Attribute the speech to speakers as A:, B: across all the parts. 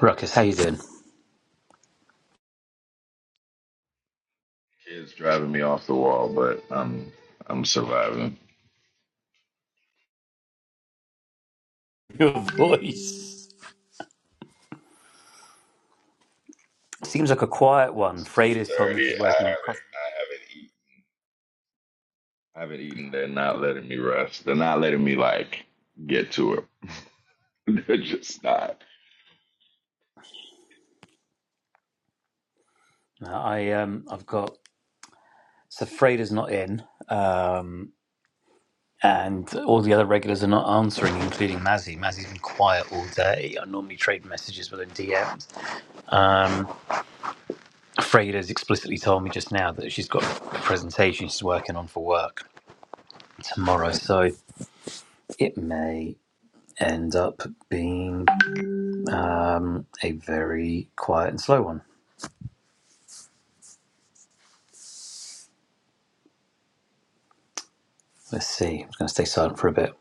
A: Ruckus, how you doing?
B: It's driving me off the wall, but I'm I'm surviving.
A: Your voice. Seems like a quiet one.
B: It's two
A: Freida's told me
B: thirty. I
A: she's working on a press.
B: haven't I haven't eaten. I haven't eaten. They're not letting me rest. They're not letting me like get to it. They're just not.
A: No, I um, I've got so Freida's not in, um, and all the other regulars are not answering, including Mazzy. Mazzy's been quiet all day. I normally trade messages with her DMs. Um, Freida's explicitly told me just now that she's got a presentation she's working on for work tomorrow, so it may end up being um, a very quiet and slow one. Let's see. I'm just going to stay silent for a bit.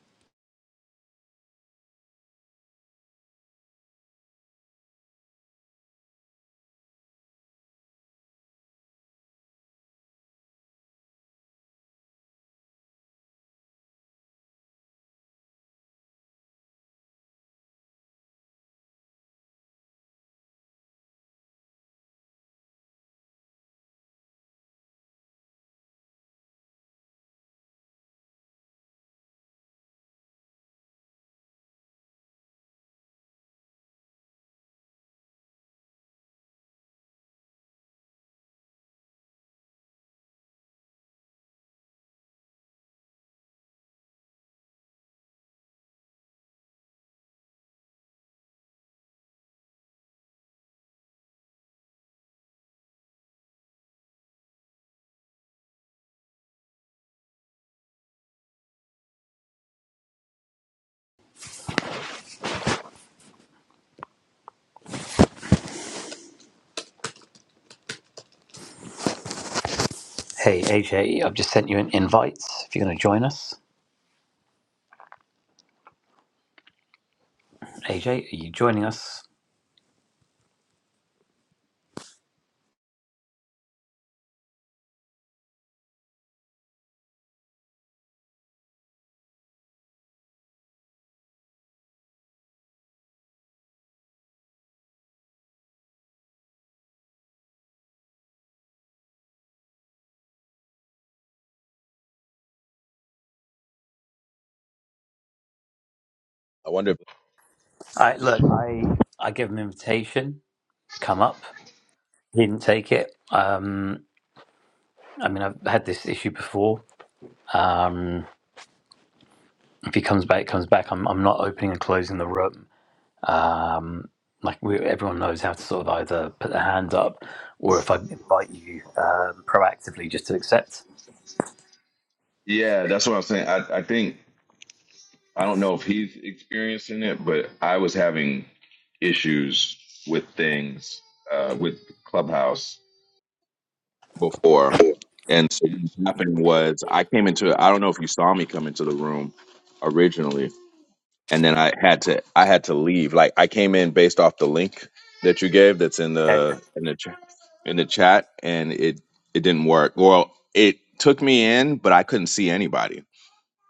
A: Hey, AJ, I've just sent you an invite. If you're going to join us, AJ, are you joining us?
B: I wonder if
A: I look. I I gave him an invitation. Come up. He didn't take it. Um, I mean, I've had this issue before. Um, if he comes back, comes back. I'm I'm not opening and closing the room. Um, like we, everyone knows how to sort of either put their hand up, or if I invite you um, proactively, just to accept.
B: Yeah, that's what I'm saying. I I think I don't know if he's experiencing it, but I was having issues with things uh, with Clubhouse. before. And so what happened was I came into I don't know if you saw me come into the room originally, and then I had to I had to leave. Like I came in based off the link that you gave that's in
A: Yeah.
B: the in the ch- in the chat and it it didn't work. Well, it took me in, but I couldn't see anybody.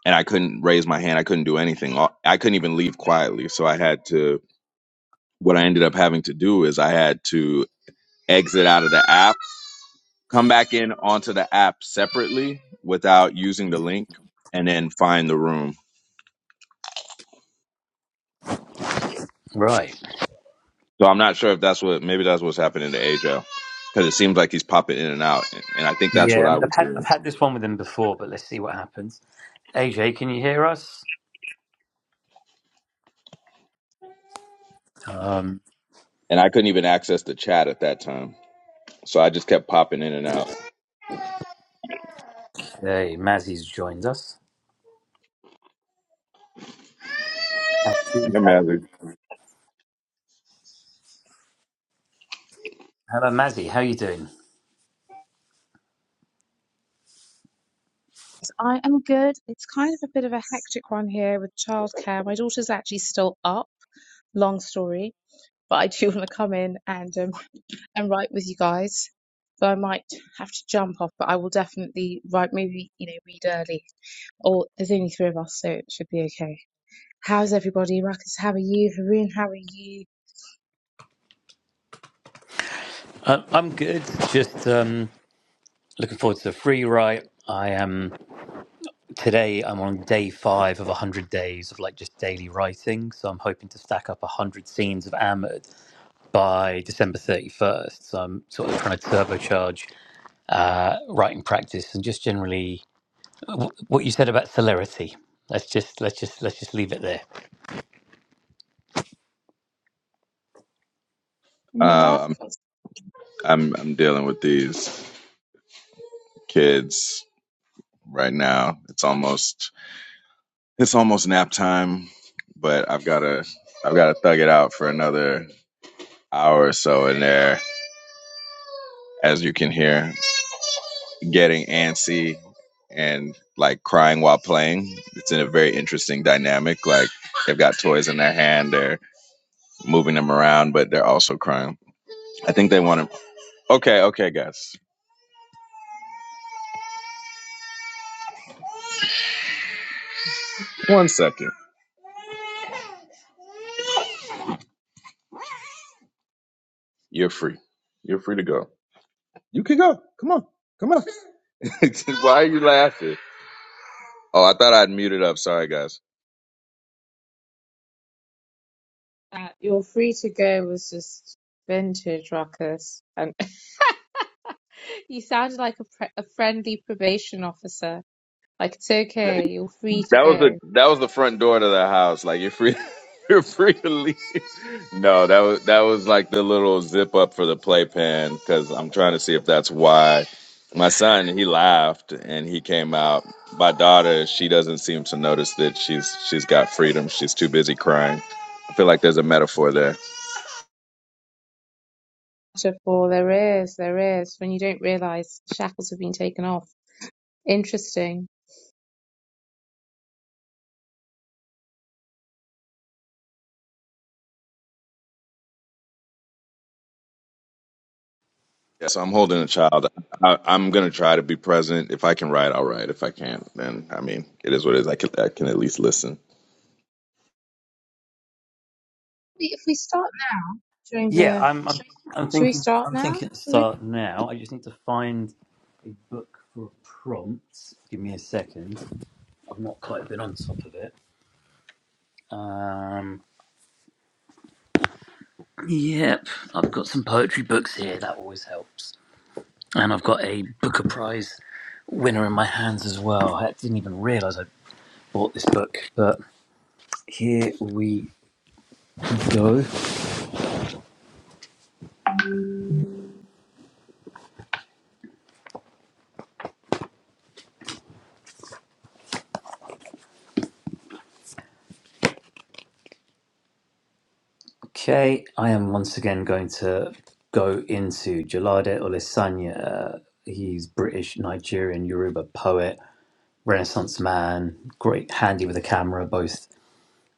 B: And I couldn't raise my hand. I couldn't do anything. All- I couldn't even leave quietly. So I had to what I ended up having to do is I had to exit out of the app, come back in onto the app separately without using the link and then find the room.
A: Right.
B: So I'm not sure if that's what maybe that's what's happening to Ajo because it seems like he's popping in and out, and, and I think that's what
A: Yeah, I
B: I
A: mean, I've
B: was
A: had I've
B: hearing.
A: had this one with him before, but let's see what happens. AJ, can you hear us? Um,
B: And I couldn't even access the chat at that time, so I just kept popping in and out.
A: okay, Mazzy's joined us. And she's
B: Yeah,
A: at-
B: man.
A: Hello, Mazzy. How are you doing?
C: I am good. It's kind of a bit of a hectic one here with childcare. My daughter's actually still up. Long story, but I do want to come in and um, and write with you guys. So I might have to jump off, but I will definitely write. Maybe you know, read early. Or there's only three of us, so it should be okay. How's everybody? Ruckus, how are you? Haroon, how are you?
A: Uh, I'm good. Just um, looking forward to the free write. I am today. I'm on day five of hundred days of like just daily writing. So I'm hoping to stack up hundred scenes of Amid by December thirty first. So I'm sort of trying to turbocharge uh, writing practice and just generally w- what you said about celerity. Let's just let's just let's just leave it there.
C: And you, Ruck?
B: Uh, I'm, I'm I'm dealing with these kids right now. It's almost it's almost nap time, but I've got to I've got to thug it out for another hour or so in there, as you can hear. getting antsy and like crying while playing. It's in a very interesting dynamic. Like they've got toys in their hand, they're moving them around, but they're also crying. I think they want to. Okay, okay, guys. One second. You're free. You're free to go. You can go. Come on. Come on. Why are you laughing? Oh, I thought I'd muted up. Sorry, guys.
C: Uh, your free to go was just vintage ruckus and you sounded like a, pre- a friendly probation officer Like it's okay, you're free to
B: That was the
C: go.
B: that was the front door to the house. Like you're free, you're free to leave. No, that was that was like the little zip up for the playpen because I'm trying to see if that's why my son he laughed and he came out. My daughter she doesn't seem to notice that she's she's got freedom. She's too busy crying. I feel like there's a metaphor there.
C: Chapter four, there is, there is, when you don't realise shackles have been taken off. Interesting.
B: Yeah, so I'm holding a child. I, I'm gonna try to be present. If I can write, I'll write. If I can't, then I mean, it is what it is. I can I can at least listen.
C: If we start during
A: Yeah,
C: the
A: I'm I'm, I'm
C: should we
A: thinking
C: start
A: I'm
C: now?
A: thinking to start now. I just need to find a book for a prompt. Give me a second. I've not quite been on top of it. Um, yep, I've got some poetry books here. That always helps, and I've got a Booker Prize winner in my hands as well. I didn't even realise I bought this book, but here we go. Okay, I am once again going to go into Jalade Olisanya. He's British, Nigerian, Yoruba poet, Renaissance man, great handy with a camera, both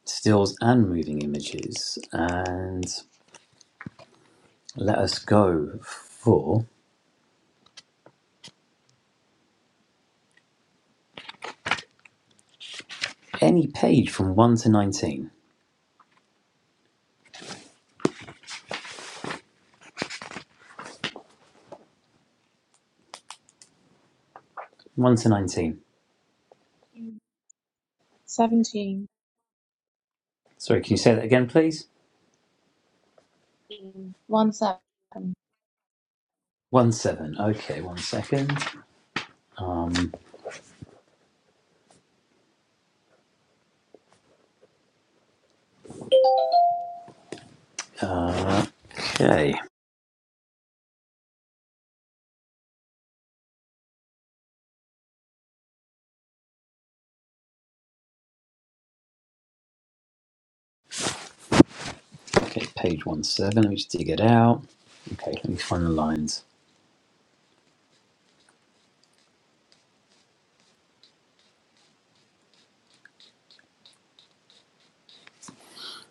A: stills and moving images. And let us go for any page from 1 to 19. 1 to 19.
C: Seventeen,
A: Sorry, can you say that again, please?
C: one seven five.
A: 1 7. Okay, one second. Um, uh, okay. Okay, page one seven. Let me just dig it out. Okay, let me find the lines.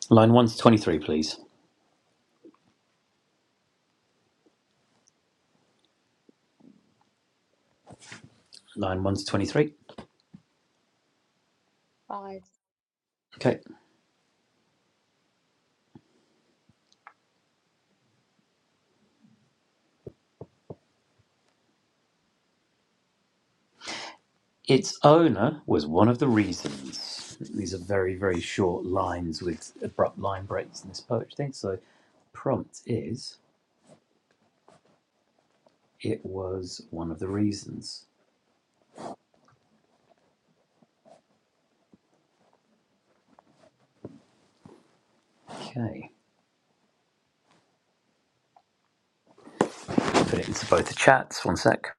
A: Line 1 to 23, please. Line 1 to 23. Okay. Its owner was one of the reasons. These are very, very short lines with abrupt line breaks in this poetry thing. So, prompt is it was one of the reasons. Okay. Put it into both the chats. One sec.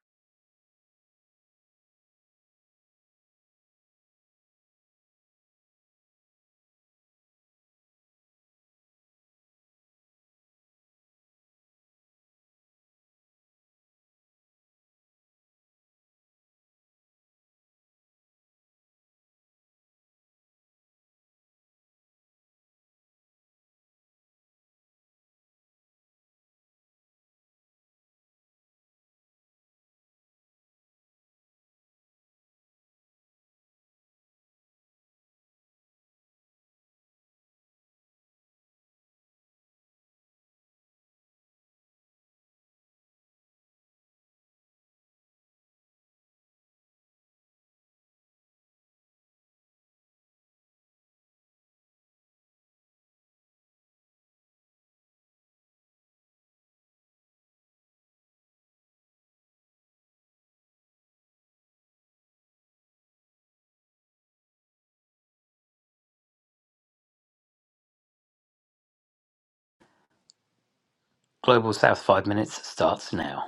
A: Global South 5 minutes starts now.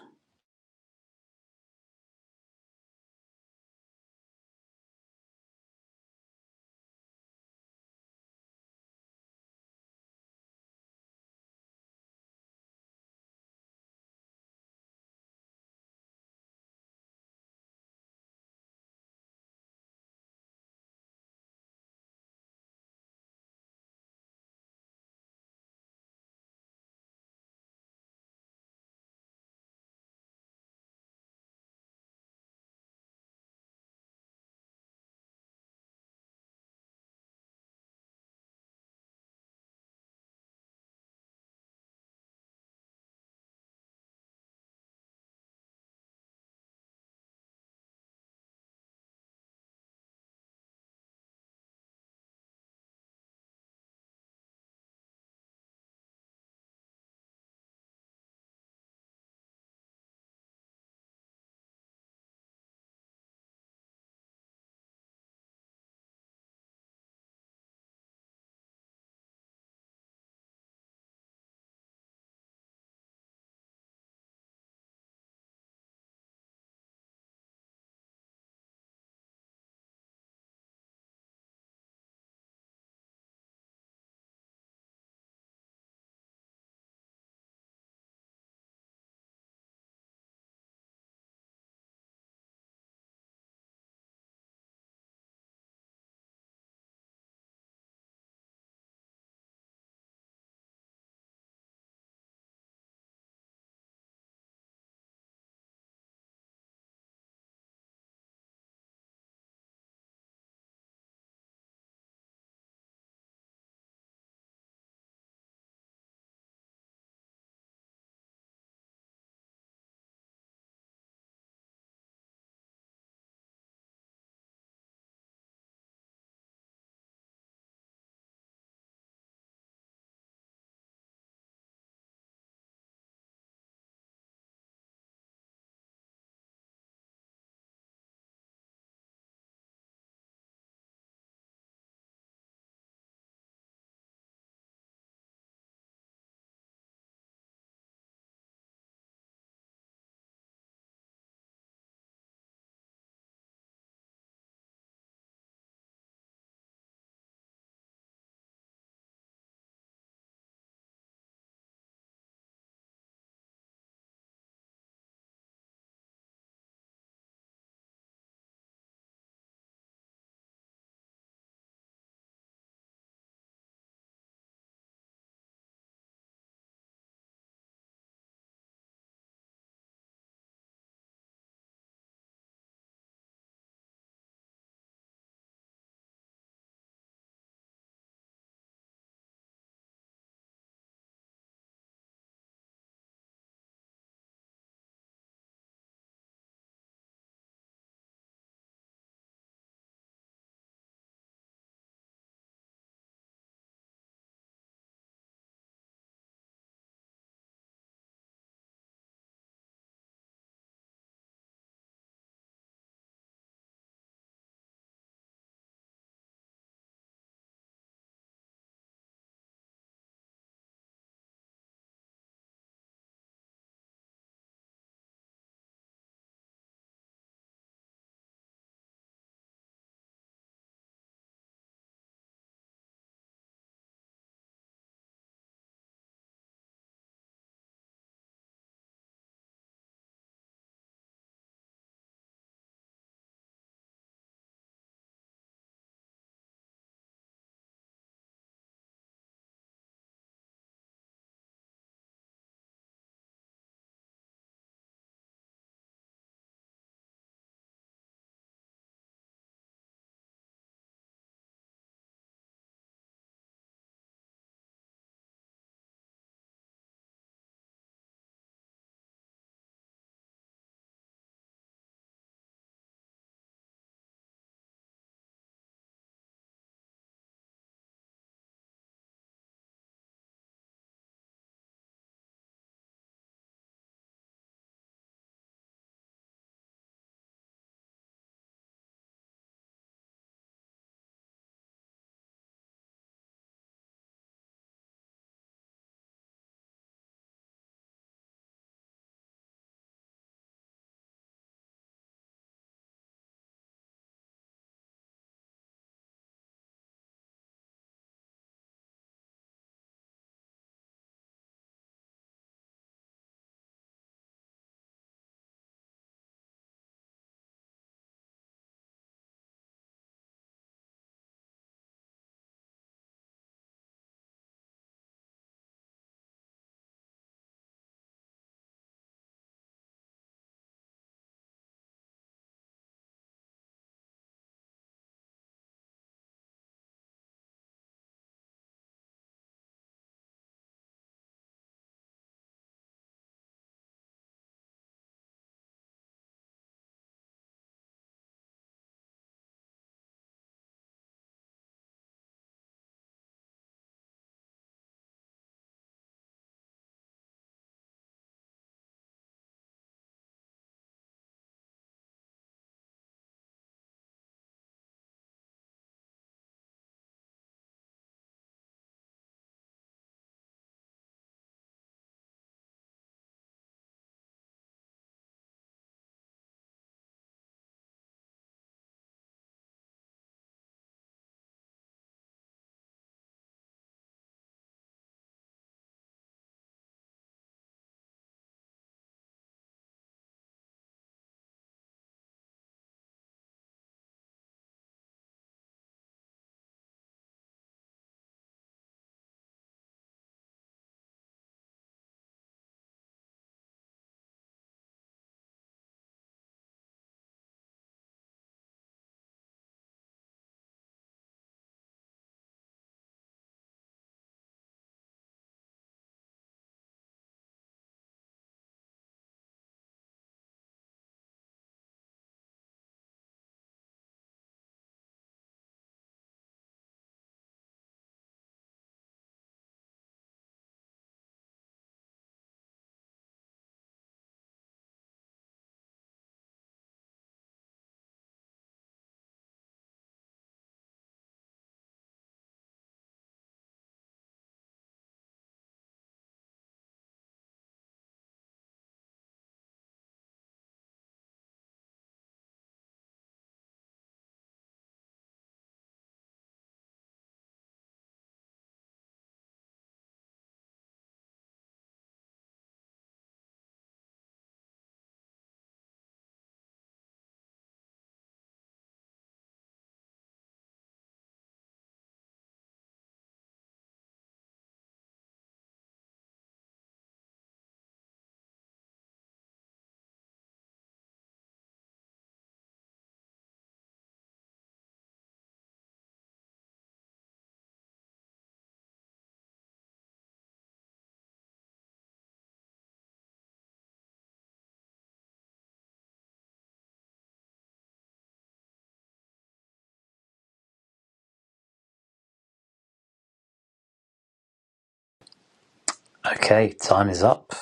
A: Okay, time is up.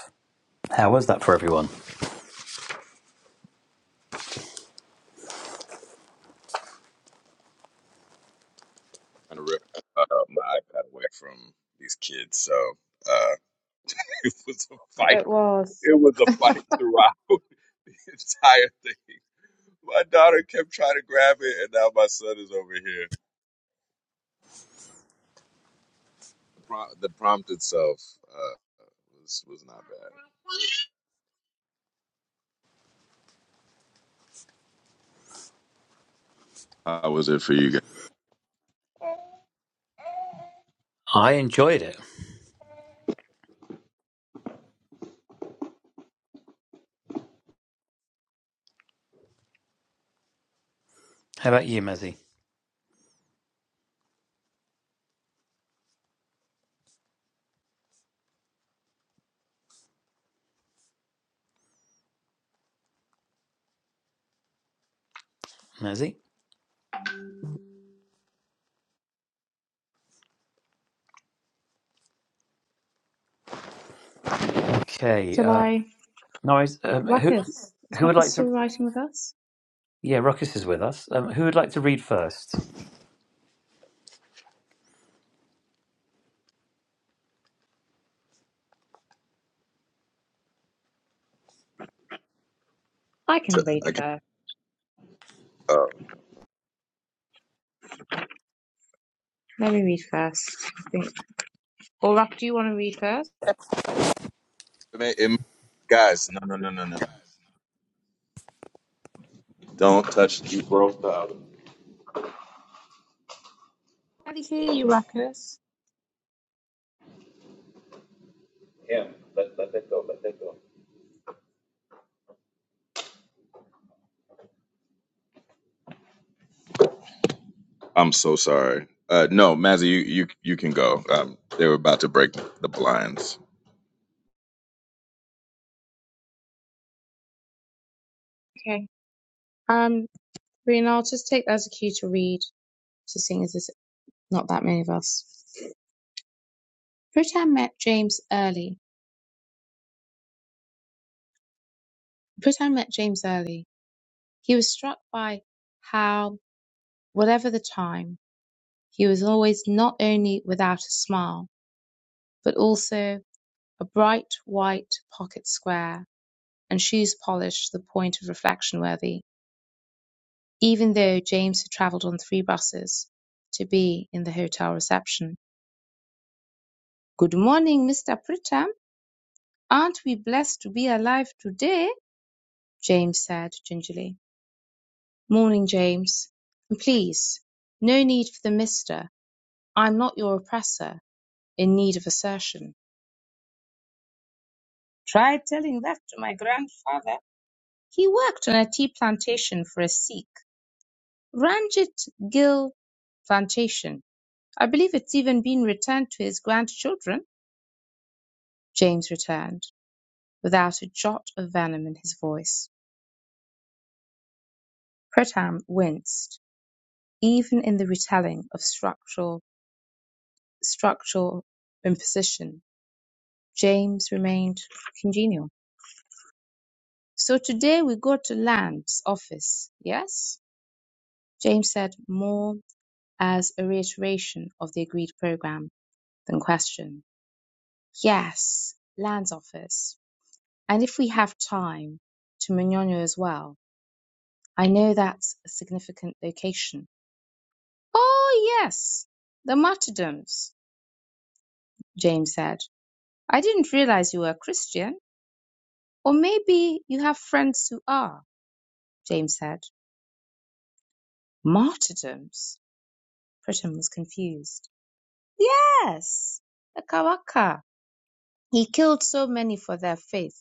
A: How was that for everyone?
B: trying to rip uh, my iPad away from these kids. So uh, it was a fight.
C: It was.
B: It was a fight throughout the entire thing. My daughter kept trying to grab it, and now my son is over here. The, prom- the prompt itself uh, was was not bad. How was it for you guys?
A: I enjoyed it. How about you, Mazzy? Mazzy? Okay. Uh,
C: July.
A: no, I, um, who,
C: Ruckus. Is
A: who would
C: Ruckus
A: like to?
C: still writing with us?
A: Yeah, Ruckus is with us. Um, who would like to read first?
C: I can
B: To,
C: read
B: I can
C: first.
B: uh,
C: Let me read first, I think. Or Ruck, do you want to read first?
B: it may- it may- guys, no, no, no, no, no, no. Don't touch the broke out.
C: I can hear you, Ruckus.
B: I'm so sorry. Uh, no, Mazzy, you, you you can go. Um, they were about to break the blinds.
C: Okay. Um, Rena, I'll just take that as a cue to read. So seeing as there's not that many of us. Pritam met James early. Pritam met James early. He was struck by how, whatever the time, he was always not only without a smile, but also a bright white pocket square and shoes polished to the point of reflection worthy, even though James had travelled on three buses to be in the hotel reception. Good morning, Mr. Pritam. Aren't we blessed to be alive today? James said gingerly. Morning, James. And please, no need for the mister. I'm not your oppressor, in need of assertion. Tried telling that to my grandfather. He worked on a tea plantation for a Sikh, Ranjit Gill Plantation. I believe it's even been returned to his grandchildren, James returned, without a jot of venom in his voice. Pretam winced, even in the retelling of structural structural imposition James remained congenial. So today we go to Land's office, yes? James said more as a reiteration of the agreed program than question. Yes, Land's office. And if we have time, to Mignogno as well. I know that's a significant location. Oh, yes, the martyrdoms, James said. I didn't realize you were a Christian. Or maybe you have friends who are, James said. Martyrdoms? Pritam was confused. Yes, the Kawaka. He killed so many for their faith.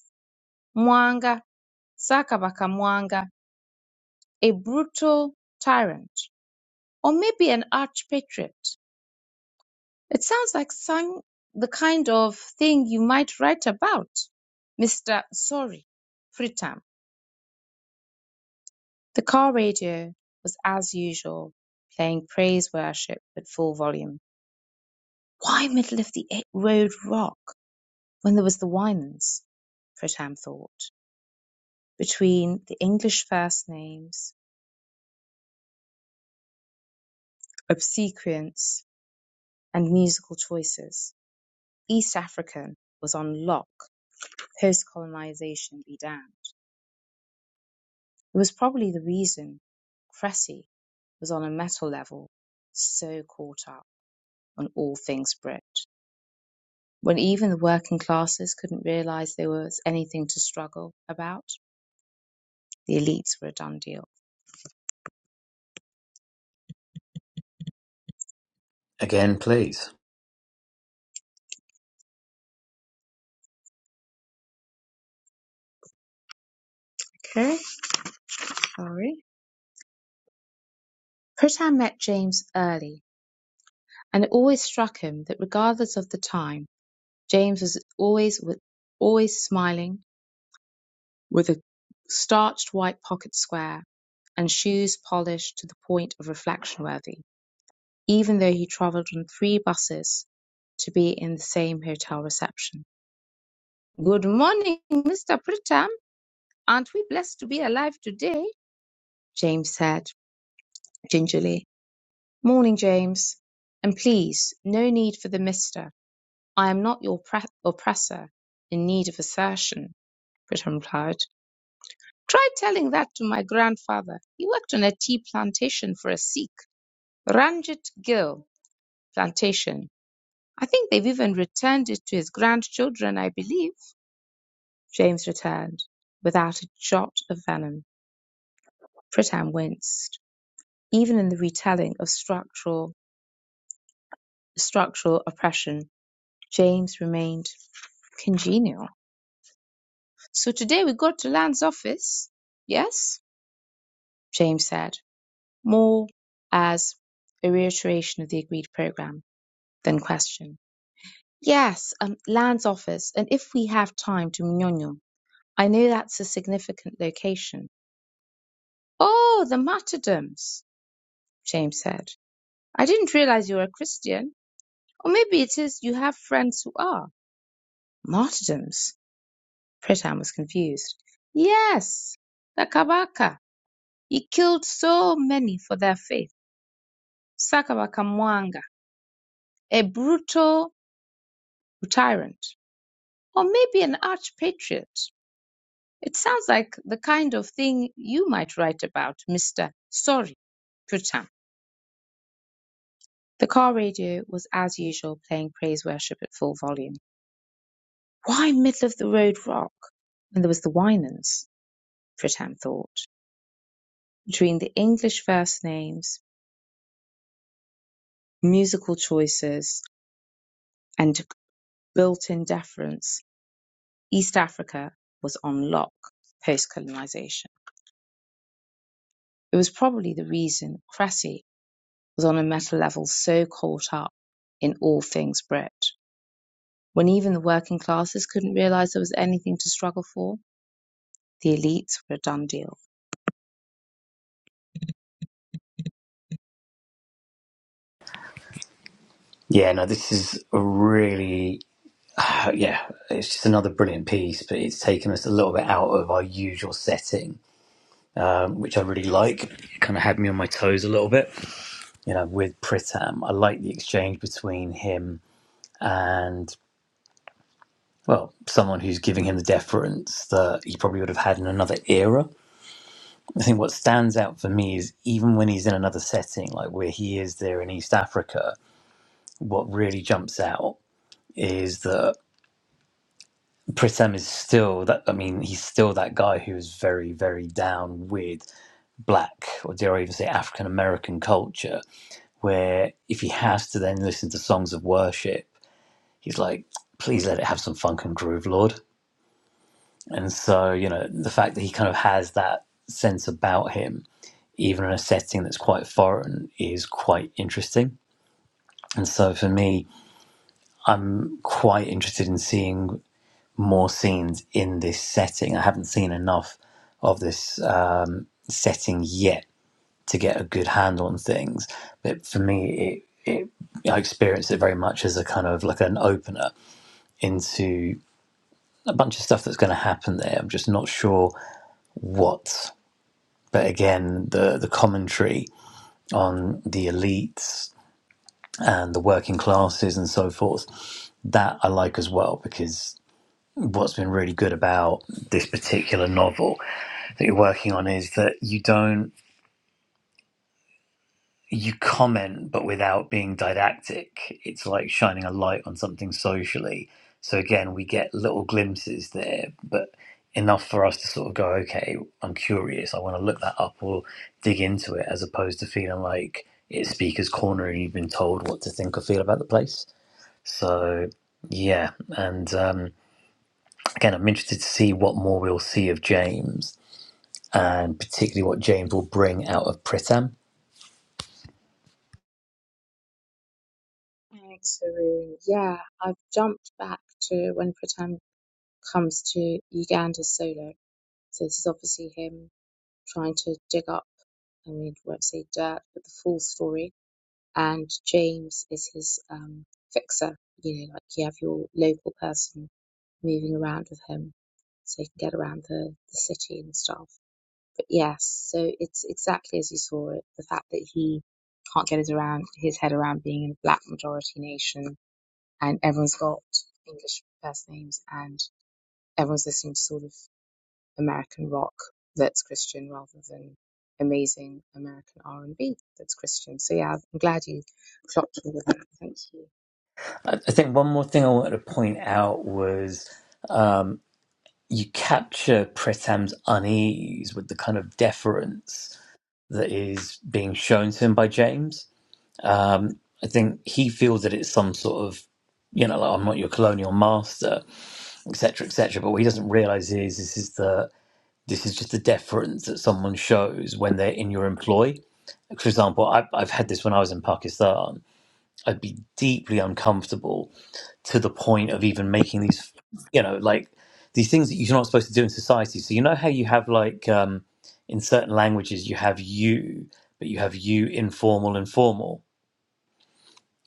C: Mwanga, Sakabaka Mwanga, a brutal tyrant, or maybe an arch-patriot. It sounds like some, the kind of thing you might write about. Mr. Sorry, Pritam. The car radio was as usual, playing praise worship at full volume. Why middle of the road rock? When there was the Wymans, Fritham thought, between the English first names, obsequience, and musical choices. East African was on lock, post-colonization be damned. It was probably the reason Cressy was on a metal level so caught up on all things Brit, when even the working classes couldn't realize there was anything to struggle about. The elites were a done deal.
A: Again, please.
C: Okay, sorry. Pritam met James early, and it always struck him that regardless of the time, James was always always smiling, with a starched white pocket square and shoes polished to the point of reflection worthy, even though he travelled on three buses to be in the same hotel reception. Good morning, Mr. Pritam. Aren't we blessed to be alive today? James said gingerly. Morning, James. And please, no need for the mister. "I am not your oppressor in need of assertion," Britain replied. "Try telling that to my grandfather. He worked on a tea plantation for a Sikh, Ranjit Gill Plantation. I think they've even returned it to his grandchildren, I believe," James returned, without a jot of venom. Pritam winced. Even in the retelling of structural structural oppression, James remained congenial. So today we got to Land's office? Yes? James said, more as a reiteration of the agreed program than question. Yes, um, Land's office, and if we have time to Mnyonyo. I know that's a significant location. Oh, the martyrdoms, James said. I didn't realize you were a Christian. Or maybe it is you have friends who are. Martyrdoms? Pritam was confused. Yes, the Kabaka. He killed so many for their faith. Sakabaka Mwanga, a brutal tyrant, or maybe an arch-patriot. It sounds like the kind of thing you might write about, Mr. Sorry, Putin. The car radio was as usual playing praise worship at full volume. Why middle of the road rock? And there was the Winans, Pritam thought, between the English first names, musical choices, and built-in deference, East Africa was on lock post-colonization. It was probably the reason Cressy was on a meta level so caught up in all things Brit, When even the working classes couldn't realize there was anything to struggle for, the elites were a done deal.
A: Yeah, no, this is a really, uh, yeah, it's just another brilliant piece, but it's taken us a little bit out of our usual setting, um, which I really like. It kind of had me on my toes a little bit, you know, with Pritam. I like the exchange between him and, well, someone who's giving him the deference that he probably would have had in another era I think what stands out for me is even when he's in another setting, like where he is there in East Africa, what really jumps out is that Pritam is still that. I mean, he's still that guy who is very, very down with black, or dare I even say African American culture, where if he has to then listen to songs of worship, he's like, please let it have some funk and groove, Lord. And so, you know, the fact that he kind of has that sense about him even in a setting that's quite foreign, is quite interesting. And so for me, quite interested in seeing more scenes in this setting. I haven't seen enough of this um, setting yet to get a good handle on things. But for me, it, it I experienced it very much as a kind of like an opener into a bunch of stuff that's going to happen there. I'm just not sure what. But again, the the commentary on the elites and the working classes and so forth. That I like as well because what's been really good about this particular novel that you're working on is that you don't you comment but without being didactic. It's like shining a light on something socially. So again, we get little glimpses there, but enough for us to sort of go, okay, I'm curious, I want to look that up or dig into it, as opposed to feeling like it's speaker's corner and you've been told what to think or feel about the place. So yeah, and um, again, I'm interested to see what more we'll see of James, and particularly what James will bring out of Pritam.
C: Thanks, Haroon. Yeah, I've jumped back to when Pratam comes to Uganda solo. So this is obviously him trying to dig up, I mean, I won't say dirt, but the full story. And James is his um, fixer, you know, like you have your local person moving around with him so he can get around the, the city and stuff. But yes, so it's exactly as you saw it. The fact that he can't get his around his head around being in a black majority nation and everyone's got English first names and everyone's listening to sort of American rock that's Christian rather than amazing American R and B that's Christian. So yeah, I'm glad you clocked all of that. Thank you
A: I, I think one more thing I wanted to point out was um, you capture Pritam's unease with the kind of deference that is being shown to him by James. Um, I think he feels that it's some sort of you know, like I'm not your colonial master, etc., etc. But what he doesn't realize is this is the This is just the deference that someone shows when they're in your employ. For example, I, I've had this when I was in Pakistan. I'd be deeply uncomfortable to the point of even making these, you know, like these things that you're not supposed to do in society. So, you know how you have, like, um, in certain languages, you have you, but you have you informal and formal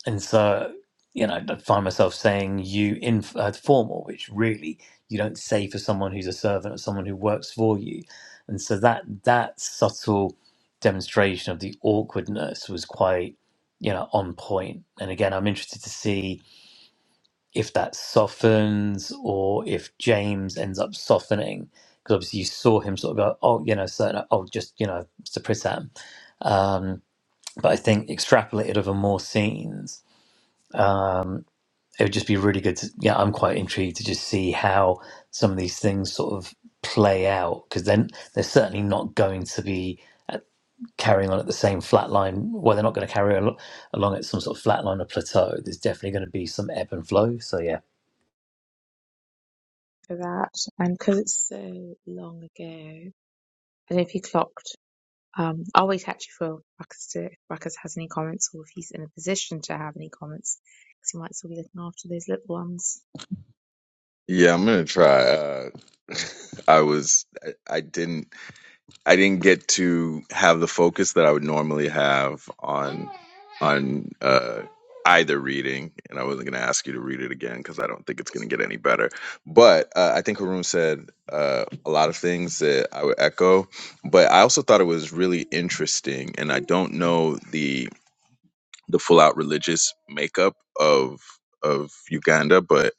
A: and so you know i find myself saying you in uh, formal which really you don't say for someone who's a servant or someone who works for you and so that that subtle demonstration of the awkwardness was quite you know on point point. and again i'm interested to see if that softens or if james ends up softening because obviously you saw him sort of go oh you know so oh just you know suppress that um but i think extrapolated over more scenes it would just be really good to yeah i'm quite intrigued to just see how some of these things sort of play out because then they're certainly not going to be carrying on at the same flat line well they're not going to carry al- along at some sort of flat line or plateau there's definitely going to be some ebb and flow so yeah
C: for that. And because it's so long ago, I don't know if you clocked Um, always happy for Ruckus to, if Ruckus has any comments or if he's in a position to have any comments because he might still be looking after those little ones.
B: Yeah, I'm gonna try. Uh, I was, I, I didn't, I didn't get to have the focus that I would normally have on, on uh, either reading, and I wasn't gonna ask you to read it again because I don't think it's gonna get any better. But uh, I think Haroon said uh, a lot of things that I would echo, but I also thought it was really interesting, and I don't know the the full out religious makeup of of Uganda, but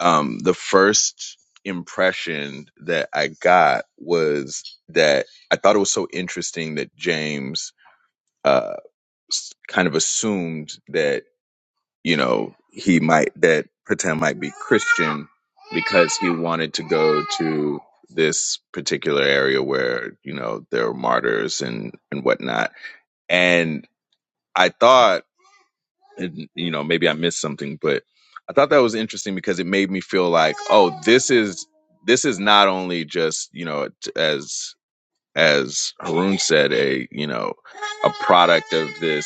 B: um, the first impression that I got was that I thought it was so interesting that James uh, s- kind of assumed that you know he might that Pretend might be Christian because he wanted to go to this particular area where you know there are martyrs and and whatnot and. I thought and you know maybe i missed something but i thought that was interesting because it made me feel like oh this is this is not only just you know t- as as Harun said a you know a product of this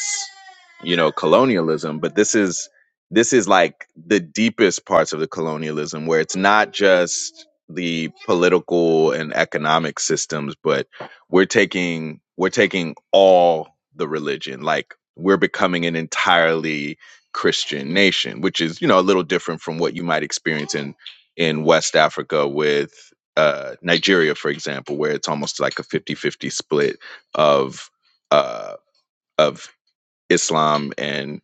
B: you know colonialism but this is this is like the deepest parts of the colonialism where it's not just the political and economic systems but we're taking we're taking all the religion like we're becoming an entirely christian nation which is you know a little different from what you might experience in in west africa with uh nigeria for example where it's almost like a fifty fifty split of uh of Islam and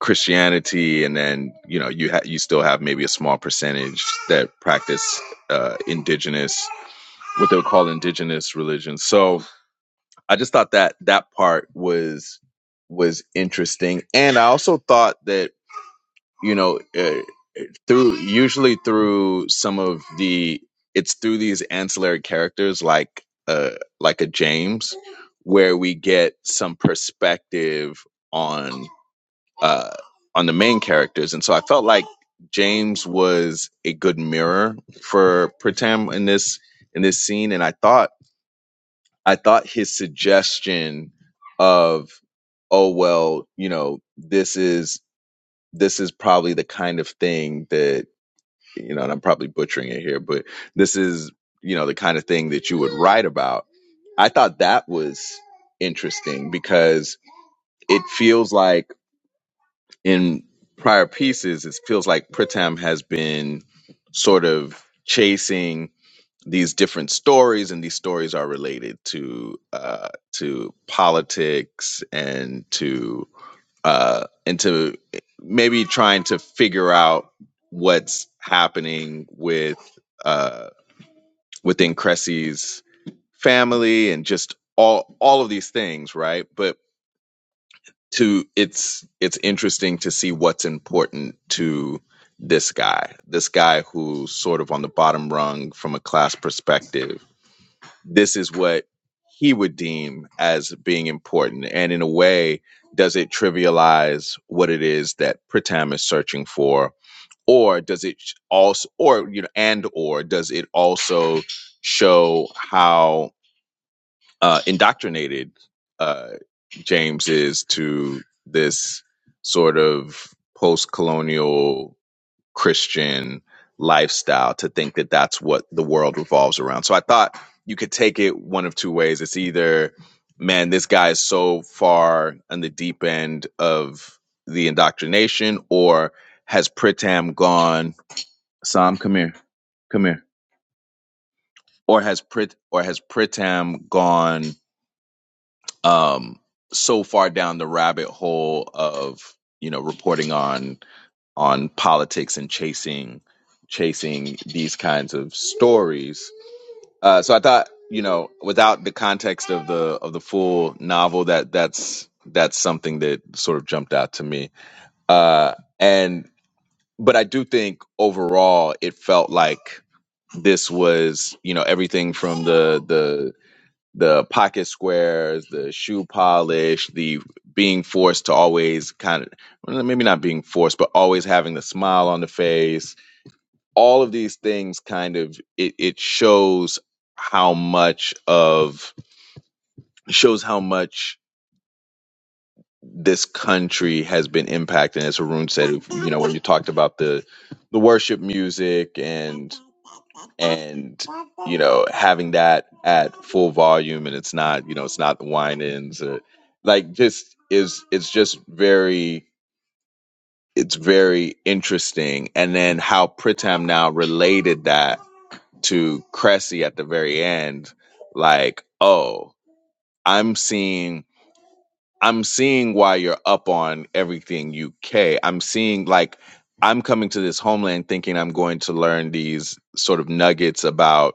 B: Christianity, and then you know you ha- you still have maybe a small percentage that practice uh, indigenous what they would call indigenous religions. So I just thought that that part was was interesting, and I also thought that you know uh, through usually through some of the it's through these ancillary characters like uh like a James where we get some perspective on uh, on the main characters, and so I felt like James was a good mirror for Pritam in this in this scene, and I thought I thought his suggestion of oh well, you know this is this is probably the kind of thing that you know, and I'm probably butchering it here, but this is you know the kind of thing that you would write about. I thought that was interesting because it feels like in prior pieces, it feels like Pritam has been sort of chasing these different stories, and these stories are related to uh, to politics and to uh, and to maybe trying to figure out what's happening with uh, within Cressy's family and just all all of these things, right? But to it's it's interesting to see what's important to this guy this guy who's sort of on the bottom rung from a class perspective this is what he would deem as being important and in a way does it trivialize what it is that pritam is searching for or does it also or you know and or does it also show how uh, indoctrinated uh, James is to this sort of post-colonial Christian lifestyle to think that that's what the world revolves around. So I thought you could take it one of two ways. It's either, man, this guy is so far on the deep end of the indoctrination, or has Pritam gone? Sam, come here, come here. Or has Prit or has Pritam gone? um, so far down the rabbit hole of you know reporting on on politics and chasing chasing these kinds of stories. Uh, so I thought you know without the context of the of the full novel that that's that's something that sort of jumped out to me. Uh, and but I do think overall it felt like this was you know everything from the the the pocket squares, the shoe polish, the being forced to always kind of well, maybe not being forced, but always having the smile on the face. All of these things kind of it, it shows how much of shows how much this country has been impacted. As Haroon said, you know, when you talked about the the worship music and and you know having that at full volume, and it's not you know it's not the wine ins or like just is it's just very it's very interesting. And then how Pritam now related that to Cressy at the very end, like oh. I'm seeing I'm seeing why you're up on everything UK. I'm seeing like I'm coming to this homeland thinking I'm going to learn these sort of nuggets about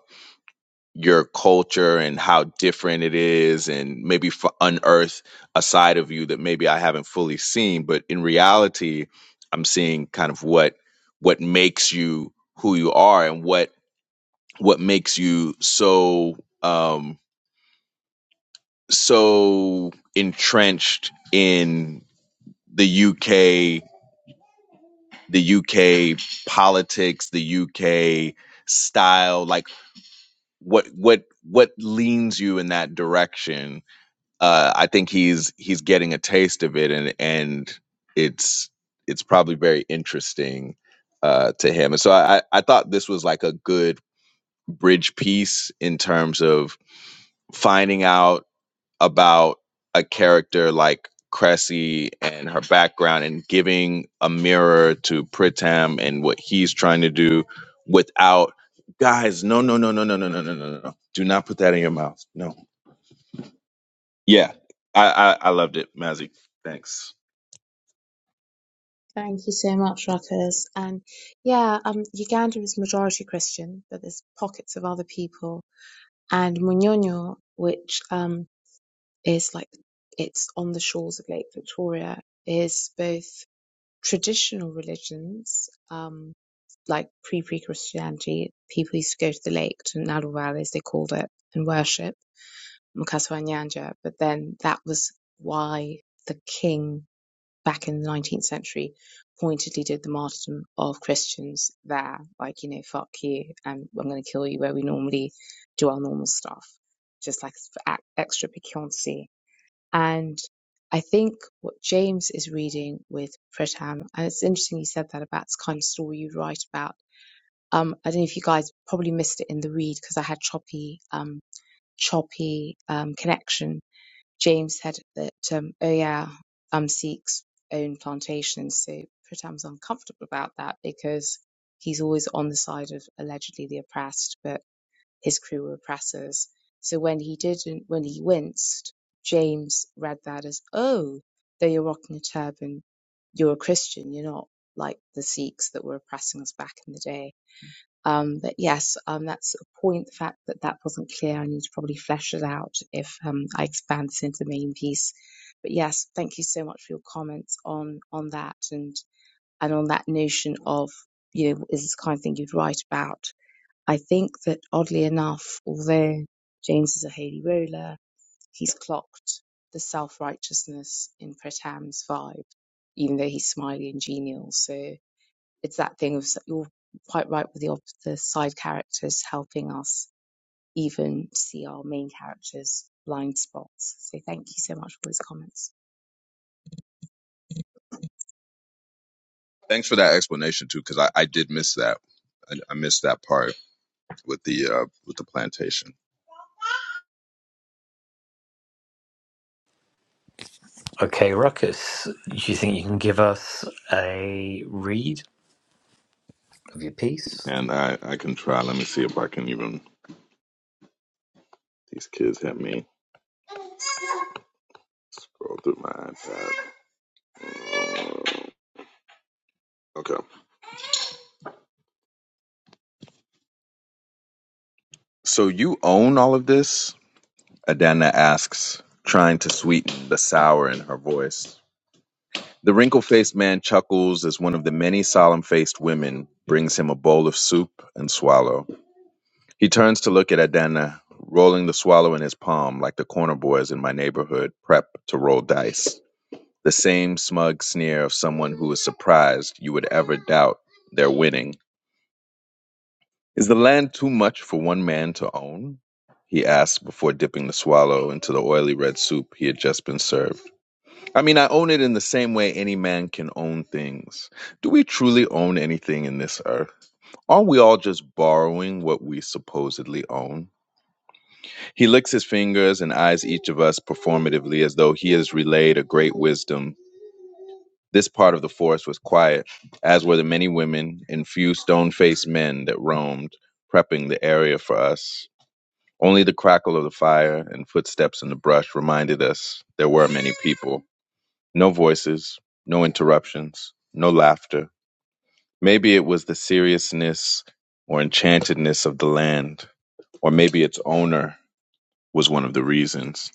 B: your culture and how different it is and maybe f- unearth a side of you that maybe I haven't fully seen, but in reality, I'm seeing kind of what what makes you who you are and what what makes you so um so entrenched in the the UK politics, the UK style, like what what what leans you in that direction. Uh, I think he's he's getting a taste of it, and and it's it's probably very interesting uh, to him. And so I I thought this was like a good bridge piece in terms of finding out about a character like Cressy and her background and giving a mirror to Pritam and what he's trying to do without guys, no, no, no, no, no, no, no, no, no, no. no. Do not put that in your mouth. No. Yeah. I I, I loved it, Mazzy. Thanks.
C: Thank you so much, Ruckus. And yeah, um, Uganda is majority Christian, but there's pockets of other people. And Munyonyo, which um, is like it's on the shores of Lake Victoria, is both traditional religions, um, like pre pre Christianity. People used to go to the lake, to Nalu Valley, as they called it, and worship Mukaswa Nyanja, but then that was why the king back in the 19th century pointedly did the martyrdom of Christians there, like, you know, fuck you, and I'm going to kill you where we normally do our normal stuff, just like for extra piquancy. And I think what James is reading with Pritam, and it's interesting you said that about this kind of story you write about. Um, I don't know if you guys probably missed it in the read because I had choppy, um, choppy um, connection James said that, um, oh yeah, Amsik's own plantation. So Pritam's uncomfortable about that because he's always on the side of allegedly the oppressed, but his crew were oppressors. So when he didn't, when he winced, James read that as, oh, though you're rocking a turban, you're a Christian. You're not like the Sikhs that were oppressing us back in the day. Um, but yes, um, that's a point. The fact that that wasn't clear, I need to probably flesh it out if um, I expand this into the main piece. But yes, thank you so much for your comments on on that and and on that notion of you know is this the kind of thing you'd write about. I think that oddly enough, although James is a Hayley roller, he's clocked the self righteousness in Pratam's vibe, even though he's smiley and genial. So it's that thing of you're quite right with the, the side characters helping us even see our main characters blind spots so thank you so much for those comments
B: Thanks for that explanation too, because I, I did miss that. I, I missed that part with the uh, with the plantation.
A: okay ruckus do you think you can give us a read of your piece
B: And I, I can try. Let me see if I can even these kids have me scroll through my iPad. Okay. So you own all of this? Adana asks, trying to sweeten the sour in her voice. The wrinkle faced man chuckles as one of the many solemn faced women brings him a bowl of soup and swallow. He turns to look at Adana, rolling the swallow in his palm like the corner boys in my neighborhood prep to roll dice. The same smug sneer of someone who is surprised you would ever doubt they're winning. Is the land too much for one man to own? He asked before dipping the swallow into the oily red soup he had just been served. I mean, I own it in the same way any man can own things. Do we truly own anything in this earth? Aren't we all just borrowing what we supposedly own? He licks his fingers and eyes each of us performatively as though he has relayed a great wisdom. This part of the forest was quiet, as were the many women and few stone faced men that roamed, prepping the area for us. Only the crackle of the fire and footsteps in the brush reminded us there were many people. No voices, no interruptions, no laughter. Maybe it was the seriousness or enchantedness of the land, or maybe its owner was one of the reasons.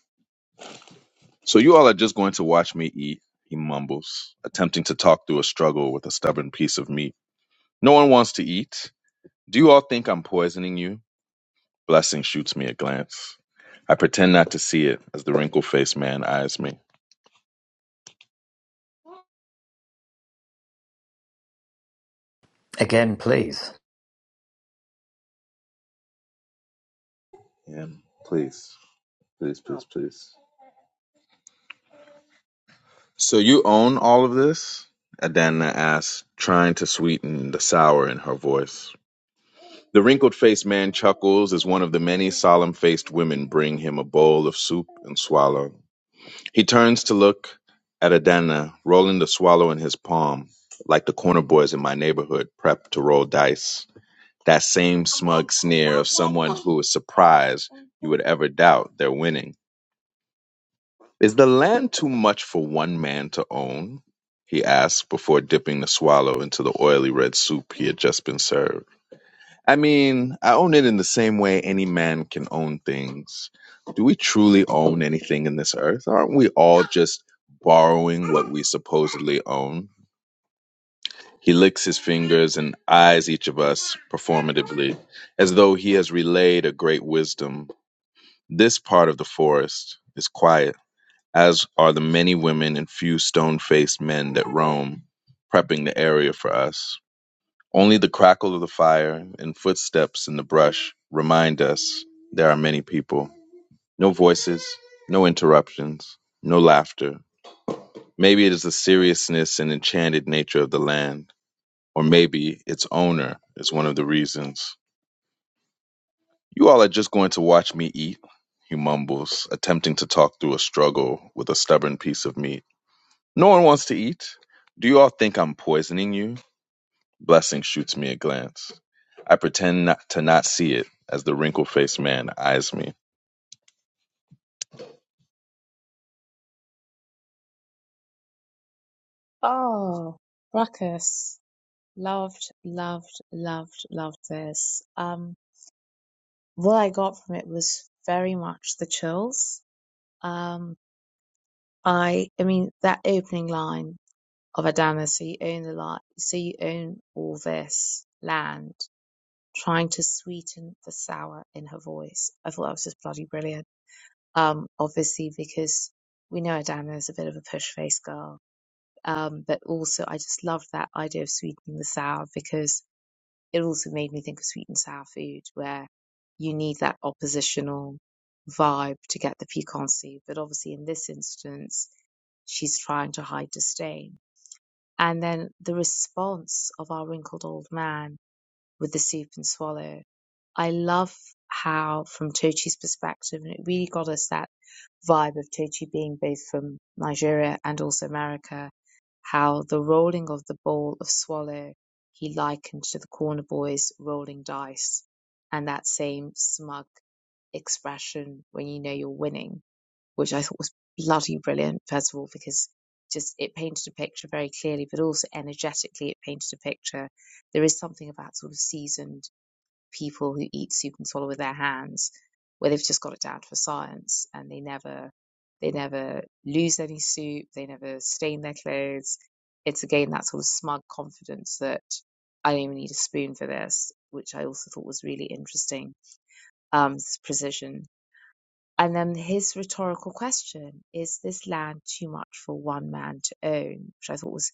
B: So you all are just going to watch me eat, he mumbles, attempting to talk through a struggle with a stubborn piece of meat. No one wants to eat. Do you all think I'm poisoning you? Blessing shoots me a glance. I pretend not to see it as the wrinkle faced man eyes me.
A: again please
B: Yeah, please, please, please, please. So you own all of this? Adana asks, trying to sweeten the sour in her voice. The wrinkled faced man chuckles as one of the many solemn faced women bring him a bowl of soup and swallow. He turns to look at Adana, rolling the swallow in his palm, like the corner boys in my neighborhood prep to roll dice. that same smug sneer of someone who is surprised you would ever doubt they're winning. Is the land too much for one man to own? He asked before dipping the swallow into the oily red soup he had just been served. I mean, I own it in the same way any man can own things. Do we truly own anything in this earth? Aren't we all just borrowing what we supposedly own? He licks his fingers and eyes each of us performatively, as though he has relayed a great wisdom. This part of the forest is quiet, as are the many women and few stone faced men that roam, prepping the area for us. Only the crackle of the fire and footsteps in the brush remind us there are many people. No voices, no interruptions, no laughter. Maybe it is the seriousness and enchanted nature of the land or maybe its owner is one of the reasons. You all are just going to watch me eat, he mumbles, attempting to talk through a struggle with a stubborn piece of meat. No one wants to eat. Do you all think I'm poisoning you? Blessing shoots me a glance. I pretend not to not see it as the wrinkled faced man eyes me.
C: oh ruckus loved loved loved loved this um what i got from it was very much the chills um i i mean that opening line of adana so you own the lot so you own all this land trying to sweeten the sour in her voice. I thought that was just bloody brilliant. Um, obviously because we know Adana is a bit of a push face girl. Um, but also I just loved that idea of sweetening the sour because it also made me think of sweet and sour food where you need that oppositional vibe to get the piquancy. But obviously in this instance, she's trying to hide disdain. And then the response of our wrinkled old man with the soup and swallow. I love how, from Tochi's perspective, and it really got us that vibe of Tochi being both from Nigeria and also America, how the rolling of the ball of swallow he likened to the corner boys rolling dice and that same smug expression when you know you're winning which I thought was bloody brilliant, first of all, because just it painted a picture very clearly, but also energetically it painted a picture. There is something about sort of seasoned people who eat soup and swallow with their hands, where they've just got it down for science and they never they never lose any soup, they never stain their clothes. It's again that sort of smug confidence that I don't even need a spoon for this, which I also thought was really interesting. Um, this precision and then his rhetorical question is this land too much for one man to own? Which I thought was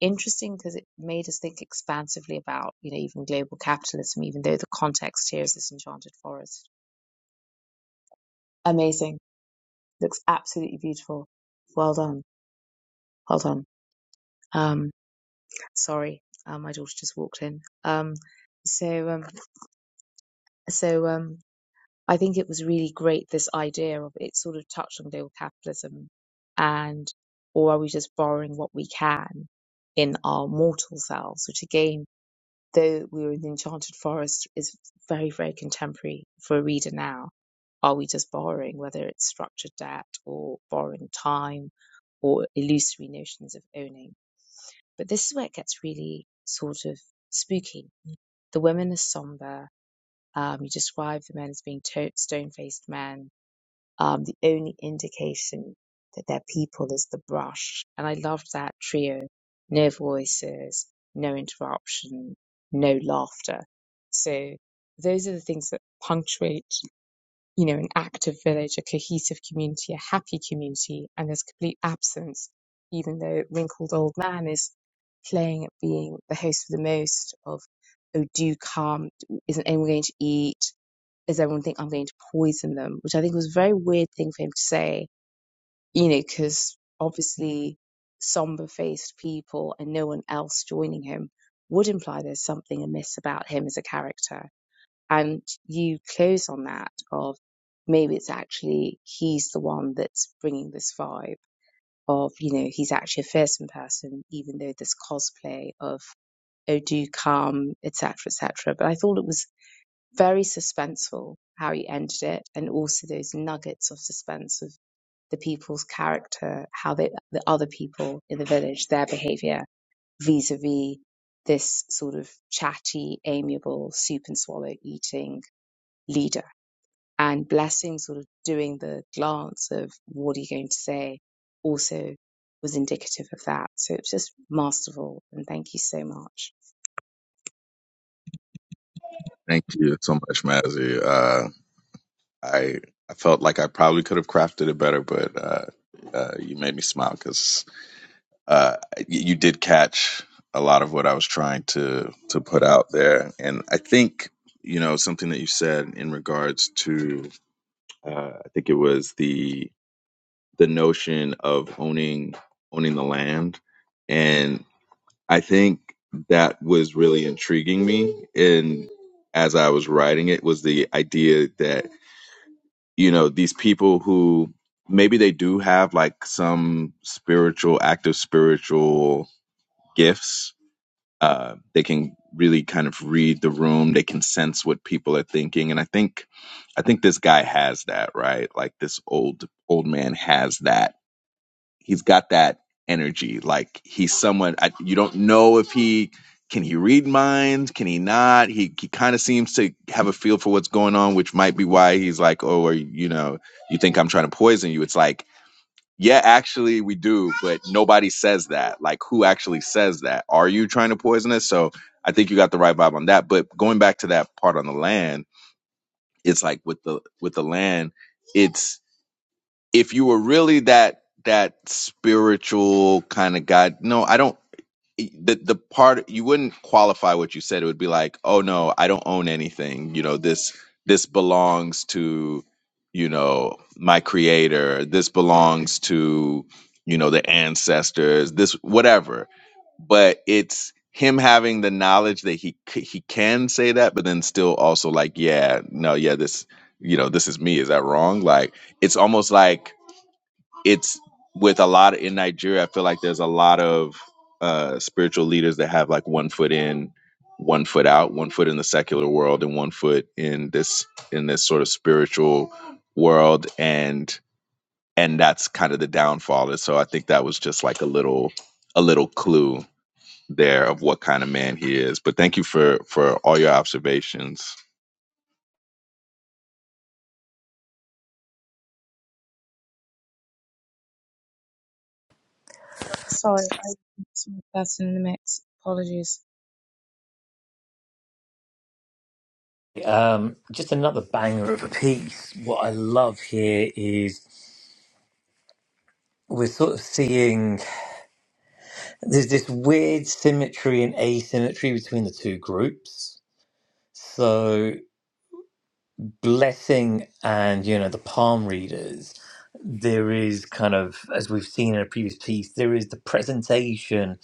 C: interesting because it made us think expansively about, you know, even global capitalism, even though the context here is this enchanted forest. Amazing. Looks absolutely beautiful. Well done. Well done. Um, sorry. Uh, my daughter just walked in. Um, so, um, so, um, I think it was really great this idea of it sort of touched on global capitalism and or are we just borrowing what we can in our mortal selves, which again, though we were in the enchanted forest, is very, very contemporary for a reader now. Are we just borrowing, whether it's structured debt or borrowing time or illusory notions of owning? But this is where it gets really sort of spooky. The women are somber. Um, you describe the men as being to- stone faced men um, the only indication that they're people is the brush. And I loved that trio. No voices, no interruption, no laughter. So those are the things that punctuate, you know, an active village, a cohesive community, a happy community, and there's complete absence, even though wrinkled old man is playing at being the host for the most of, oh, do come, isn't anyone going to eat? does everyone think I'm going to poison them? Which I think was a very weird thing for him to say, you know, because obviously somber faced people and no one else joining him would imply there's something amiss about him as a character. And you close on that of maybe it's actually he's the one that's bringing this vibe of, you know, he's actually a fearsome person, even though this cosplay of, oh, do come, etc., etc. But I thought it was very suspenseful how you ended it and also those nuggets of suspense of the people's character how they the other people in the village their behavior vis-a-vis this sort of chatty amiable soup and swallow eating leader and blessing sort of doing the glance of what are you going to say also was indicative of that so it's just masterful and thank you so much
B: Thank you so much, Mazzy. Uh, I I felt like I probably could have crafted it better, but uh, uh, you made me smile because. uh, you did catch a lot of what I was trying to to put out there, and I think you know something that you said in regards to uh, I think it was the the notion of owning owning the land, and I think that was really intriguing me. And as I was writing it, was the idea that you know these people who maybe they do have like some spiritual active spiritual gifts Uh, they can really kind of read the room. They can sense what people are thinking, and I think, I think this guy has that right. Like this old old man has that. He's got that energy. Like he's someone I, you don't know if he can he read minds, can he not. He he kind of seems to have a feel for what's going on, which might be why he's like, oh, or you know, you think I'm trying to poison you. It's like yeah, actually, we do, but nobody says that. Like, who actually says that? Are you trying to poison us? So I think you got the right vibe on that. But going back to that part on the land, it's like with the with the land, it's if you were really that that spiritual kind of guy. No, I don't the the part you wouldn't qualify what you said it would be like oh no i don't own anything you know this this belongs to you know my creator this belongs to you know the ancestors this whatever but it's him having the knowledge that he c- he can say that but then still also like yeah no yeah this you know this is me is that wrong like it's almost like it's with a lot in Nigeria. I feel like there's a lot of uh, spiritual leaders that have like one foot in, one foot out, one foot in the secular world, and one foot in this in this sort of spiritual world, and and that's kind of the downfall. And so I think that was just like a little a little clue there of what kind of man he is. But thank you for for all your observations.
C: sorry i saw that in the mix apologies
A: um, just another banger of a piece what i love here is we're sort of seeing there's this weird symmetry and asymmetry between the two groups. So blessing and you know the palm readers, there is kind of as we've seen in a previous piece, there is the presentation,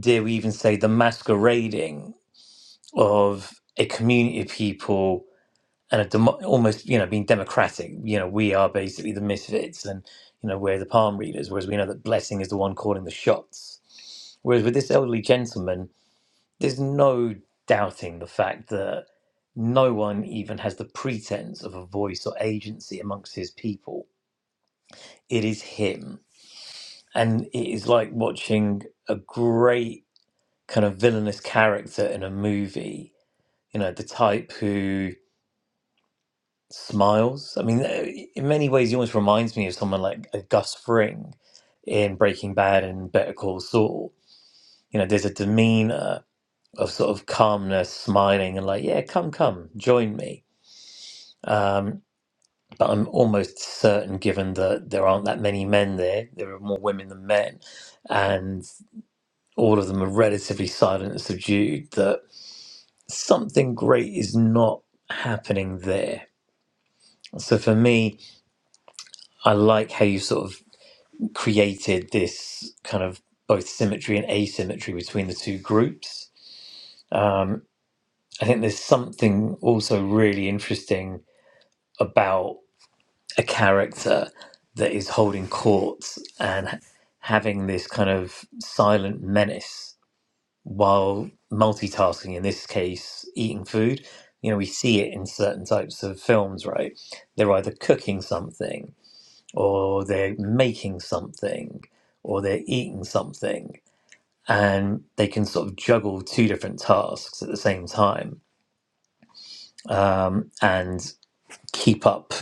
A: dare we even say the masquerading of a community of people and a demo- almost you know being democratic. You know we are basically the misfits and you know we're the palm readers, whereas we know that blessing is the one calling the shots. Whereas with this elderly gentleman, There's no doubting the fact that no one even has the pretense of a voice or agency amongst his people. It is him. And it is like watching a great kind of villainous character in a movie, you know, the type who smiles. I mean, uh, in many ways, he almost reminds me of someone like a Gus Fring in Breaking Bad and Better Call Saul. You know, there's a demeanor of sort of calmness, smiling, and like, yeah, come, come, join me Um, but I'm almost certain, given that there aren't that many men there, there are more women than men, and all of them are relatively silent and subdued, that something great is not happening there. So for me, I like how you sort of created this kind of both symmetry and asymmetry between the two groups. Um, I think there's something also really interesting about. a character that is holding court and h- having this kind of silent menace while multitasking in this case eating food you know we see it in certain types of films right they're either cooking something or they're making something or they're eating something and they can sort of juggle two different tasks at the same time um, and keep up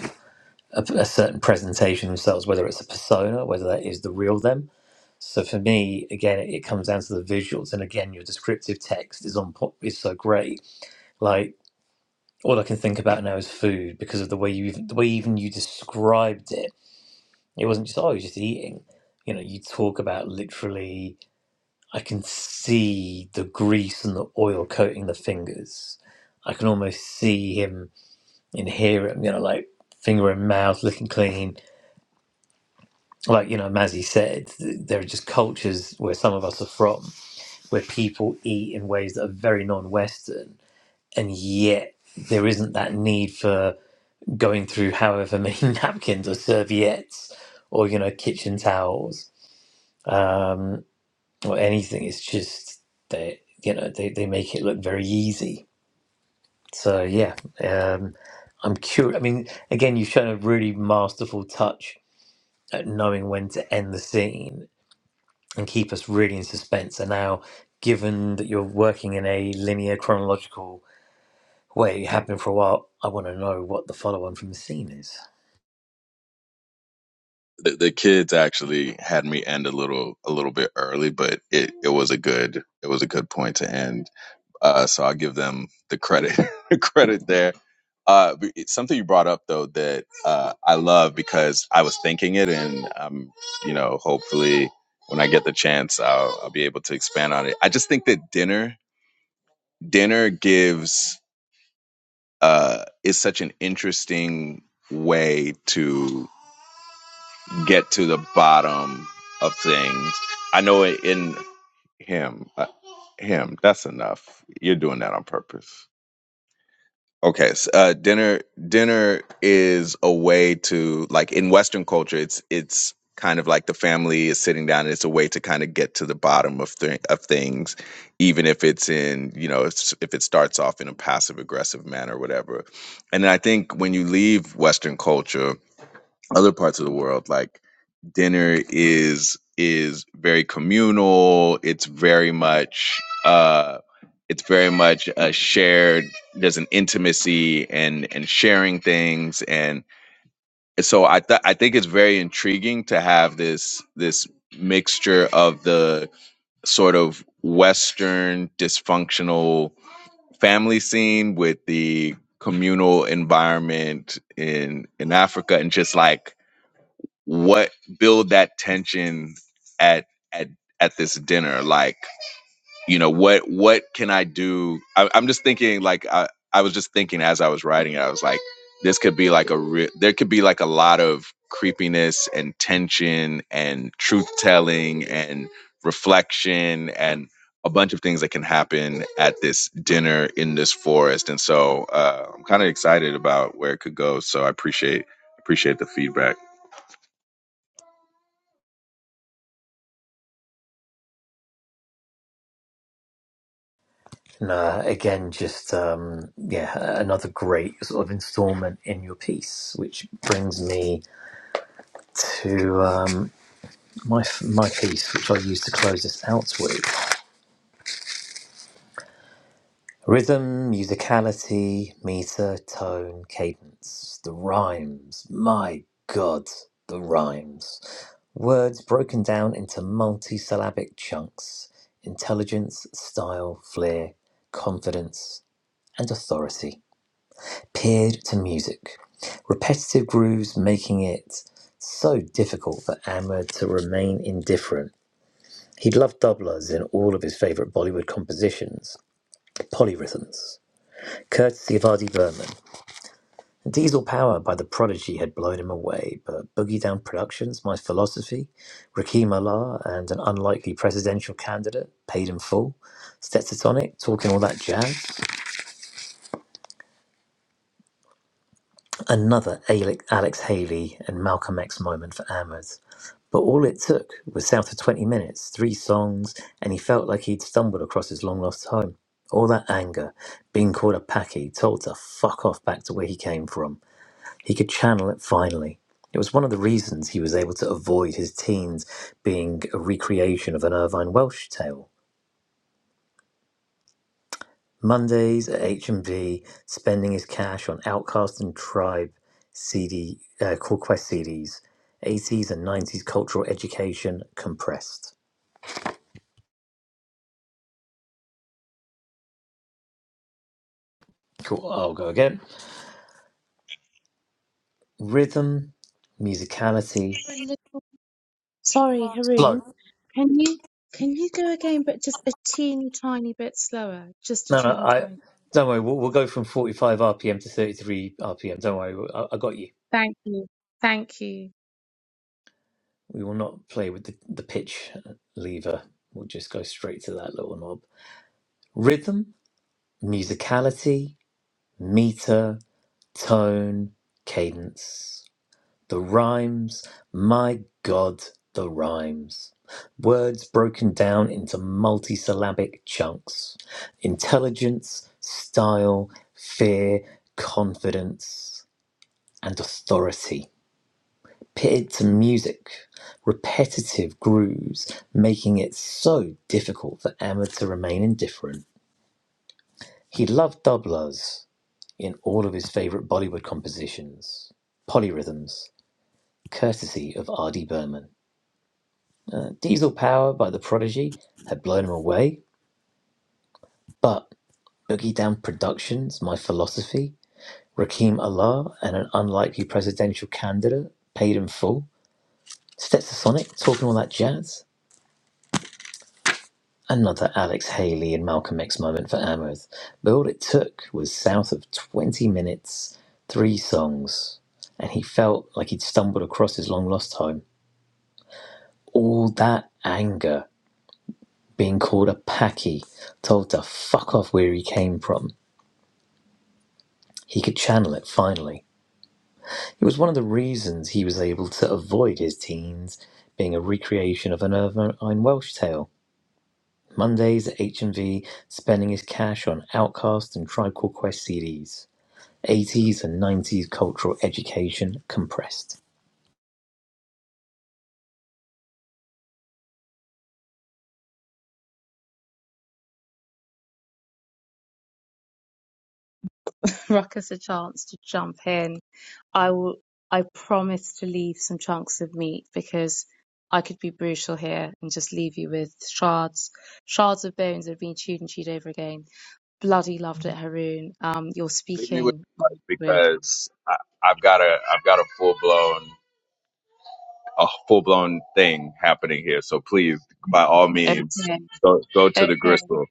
A: a, a certain presentation themselves, whether it's a persona, whether that is the real them. So for me, again, it, it comes down to the visuals, and again, your descriptive text is on po- is so great. Like all I can think about now is food because of the way you even, the way even you described it. It wasn't just oh, you're just eating. You know, you talk about literally. I can see the grease and the oil coating the fingers. I can almost see him and hear him. You know, like finger in mouth, looking clean like you know Mazzy said, th- there are just cultures where some of us are from, where people eat in ways that are very non-Western, and yet there isn't that need for going through however many napkins or serviettes or you know kitchen towels um, or anything. It's just they you know they they make it look very easy. So yeah, um, I'm curious. I mean, again, you've shown a really masterful touch at knowing when to end the scene and keep us really in suspense. And now, given that you're working in a linear chronological way, you have been for a while, I want to know what the follow on from the scene is.
B: The, the kids actually had me end a little a little bit early, but it it was a good it was a good point to end. Uh, so I'll give them the credit the credit there. Uh, it's something you brought up though that uh, I love because I was thinking it, and um, you know, hopefully when I get the chance, I'll, I'll be able to expand on it. I just think that dinner dinner gives uh, is such an interesting way to get to the bottom of things. I know in him, uh, him. That's enough. You're doing that on purpose. Okay, s uh, dinner dinner is a way to like in Western culture, it's it's kind of like the family is sitting down, and it's a way to kind of get to the bottom of th- of things, even if it's in you know it's, if it starts off in a passive aggressive manner or whatever. And I think when you leave Western culture other parts of the world like dinner is is very communal it's very much uh it's very much a shared there's an intimacy and and sharing things and so i th- i think it's very intriguing to have this this mixture of the sort of western dysfunctional family scene with the communal environment in in africa and just like what build that tension at at at this dinner like you know what what can i do I, i'm just thinking like I, I was just thinking as i was writing it i was like this could be like a re- there could be like a lot of creepiness and tension and truth telling and reflection and a bunch of things that can happen at this dinner in this forest and so uh, i'm kind of excited about where it could go so i appreciate appreciate the feedback
A: And uh, again, just um, yeah, another great sort of installment in your piece, which brings me to um, my my piece, which I use to close this out with. Rhythm, musicality, meter, tone, cadence, the rhymes. My God, the rhymes. Words broken down into multisyllabic chunks. Intelligence, style, flair, confidence, and authority. Paired to music. Repetitive grooves making it so difficult for Ahmed to remain indifferent. He loved doublers in all of his favourite Bollywood compositions, polyrhythms courtesy of R.D. Berman. Diesel Power by The Prodigy had blown him away, but Boogie Down Productions, My Philosophy, Rakim Allah, and an unlikely presidential candidate, Paid in Full, Stetson Talking All That Jazz, another Alex Haley and Malcolm X moment for Ahmed. But all it took was south of 20 minutes, three songs, and he felt like he'd stumbled across his long lost home. All that anger, being called a packy, told to fuck off back to where he came from. He could channel it finally. It was one of the reasons he was able to avoid his teens being a recreation of an Irvine Welsh tale. Mondays at HMV, spending his cash on Outcast and Tribe CD, uh, Core Quest CDs, 80s and 90s cultural education compressed. Cool, I'll go again. Rhythm, musicality,
C: Sorry, Haroon,
A: slow.
C: can you can you go again, but just a teeny tiny bit slower? Just a
A: No, no,
C: teeny
A: I,
C: tiny.
A: don't worry, we'll, we'll go from 45 RPM to 33 RPM. Don't worry, I, I got you.
C: Thank you, thank you.
A: We will not play with the, the pitch lever. We'll just go straight to that little knob. Rhythm, musicality, meter, tone, cadence. The rhymes, my God, the rhymes. Words broken down into multisyllabic chunks. Intelligence, style, fear, confidence, and authority pitted to music, repetitive grooves, making it so difficult for Ahmed to remain indifferent. He loved doublers in all of his favourite Bollywood compositions, polyrhythms, courtesy of R.D. Burman. Diesel Power by The Prodigy had blown him away, but Boogie Down Productions, My Philosophy, Rakim Allah, and an unlikely presidential candidate paid in full. Stetson Sonic, talking all that jazz Another Alex Haley and Malcolm X moment for Amherst, but all it took was south of 20 minutes, three songs, and he felt like he'd stumbled across his long lost home. All that anger, being called a packy, told to fuck off where he came from, he could channel it finally. It was one of the reasons he was able to avoid his teens being a recreation of an Irvine Welsh tale. Mondays at H&V, spending his cash on Outcast and Tribe Called Quest CDs. 80s and 90s cultural education compressed.
C: Ruckus a chance to jump in. I will. I promise to leave some chunks of meat because I could be brutal here and just leave you with shards, shards of bones that have been chewed and chewed over again. Bloody loved it, Haroon. Um, you're
B: Leave me with
C: speaking my
B: that
C: language.
B: because I, I've got a I've got a full blown a full blown thing happening here. So please, by all means,
C: Okay,
B: go go to the
C: okay,
B: gristle.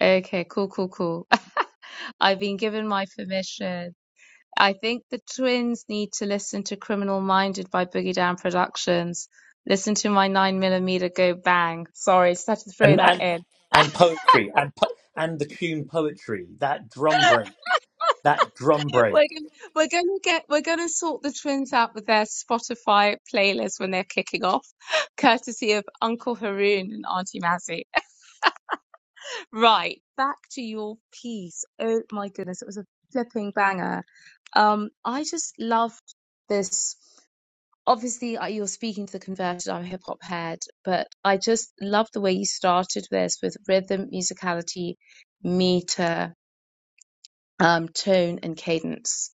C: okay. Cool, cool, cool. I've been given my permission. I think the twins need to listen to Criminal Minded by Boogie Down Productions. Listen to my nine millimeter go bang. Sorry, just had to throw
A: And
C: that
A: and
C: in.
A: and poetry and po- and the tune poetry, that drum break, that drum break.
C: We're gonna, we're gonna get we're gonna sort the twins out with their Spotify playlist when they're kicking off, courtesy of Uncle Haroon and Auntie Mazzy. Right, back to your piece. Oh my goodness, it was a flipping banger. Um, I just loved this. obviously uh, you're speaking to the converted I'm a hip hop head, but I just love the way you started this with rhythm, musicality, meter, um, tone, and cadence.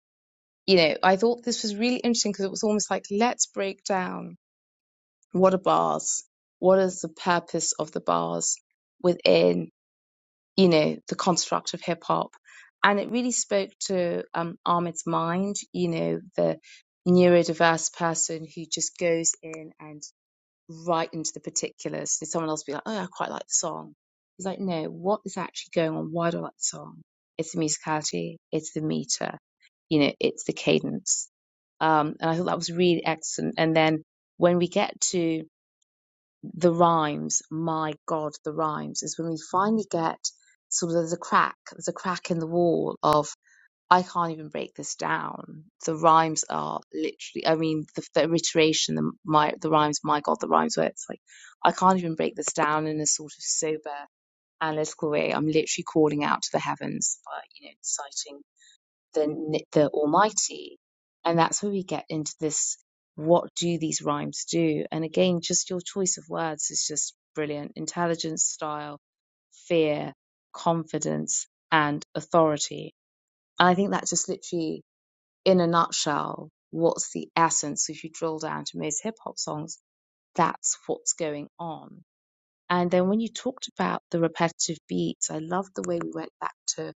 C: You know, I thought this was really interesting because it was almost like let's break down what are bars, what is the purpose of the bars within you know the construct of hip hop, and it really spoke to um, Ahmed's mind. You know, the neurodiverse person who just goes in and right into the particulars. And someone else will be like, oh, I quite like the song. It's like, no, what is actually going on? Why do I like the song? It's the musicality, it's the meter, you know, it's the cadence. Um, and I thought that was really excellent. And then when we get to the rhymes, my God, the rhymes is when we finally get sort of there's a crack, there's a crack in the wall of I can't even break this down. The rhymes are literally, I mean, the, the iteration, the my the rhymes, my God, the rhymes where it's like, I can't even break this down in a sort of sober, analytical way. I'm literally calling out to the heavens, by, you know, citing the the Almighty, and that's where we get into this. What do these rhymes do? And again, just your choice of words is just brilliant. Intelligence, style, fear, confidence, and authority. And I think that just literally in a nutshell, what's the essence? If you drill down to most hip hop songs, that's what's going on. And then when you talked about the repetitive beats, I loved the way we went back to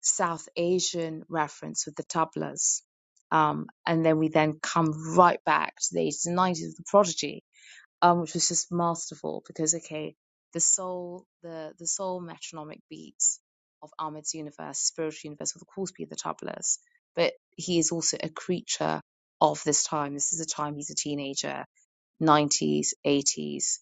C: South Asian reference with the tablas. Um, and then we then come right back to the 80s and 90s with the prodigy um, which was just masterful because okay, the soul, the the soul metronomic beats of Ahmed's universe, spiritual universe, will of course be the tablas, but he is also a creature of this time. This is a time he's a teenager. 90s, 80s.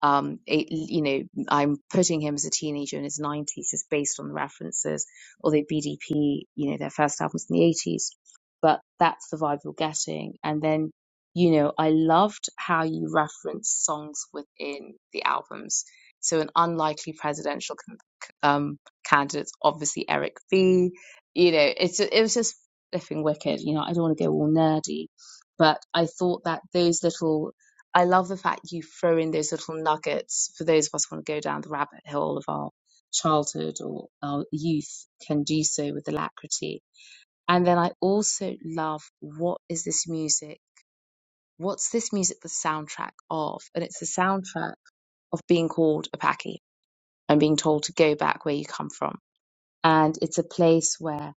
C: Um, it, you know, I'm putting him as a teenager in his 90s just based on the references, although BDP, you know, their first album's in the 80s. But that's the vibe you're getting. And then, you know, I loved how you reference songs within the albums. So an unlikely presidential con- c- um, candidate, obviously Eric B. You know, it's it was just flipping wicked. You know, I don't want to go all nerdy, but I thought that those little I love the fact you throw in those little nuggets for those of us who want to go down the rabbit hole of our childhood or our youth can do so with alacrity. And then I also love what is this music? What's this music the soundtrack of? And it's the soundtrack of being called a Paki and being told to go back where you come from. And it's a place where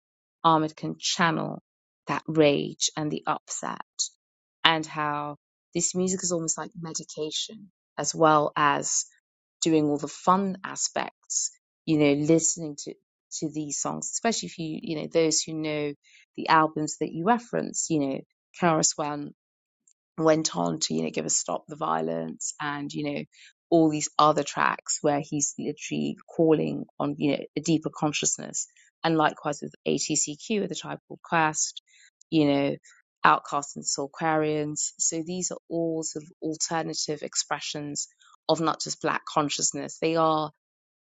C: Ahmed can channel that rage and the upset and how this music is almost like medication as well as doing all the fun aspects you know listening to to these songs especially if you you know those who know the albums that you reference you know Karis Wan went on to you know give us stop the violence and you know all these other tracks where he's literally calling on you know a deeper consciousness and likewise with ATCQ with the tribe called Quest you know Outcasts and Soulquarians so these are all sort of alternative expressions of not just black consciousness they are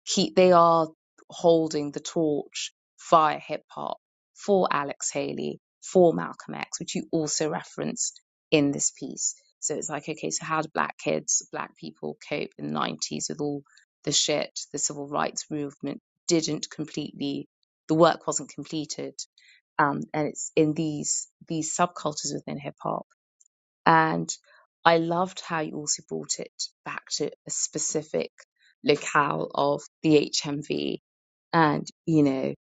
C: he they are holding the torch via hip hop for Alex Haley, for Malcolm X, which you also reference in this piece. So it's like, okay, so how do black kids, black people cope in the nineties with all the shit the civil rights movement didn't completely the work wasn't completed. Um, and it's in these these subcultures within hip hop and I loved how you also brought it back to a specific locale of the HMV and, you know,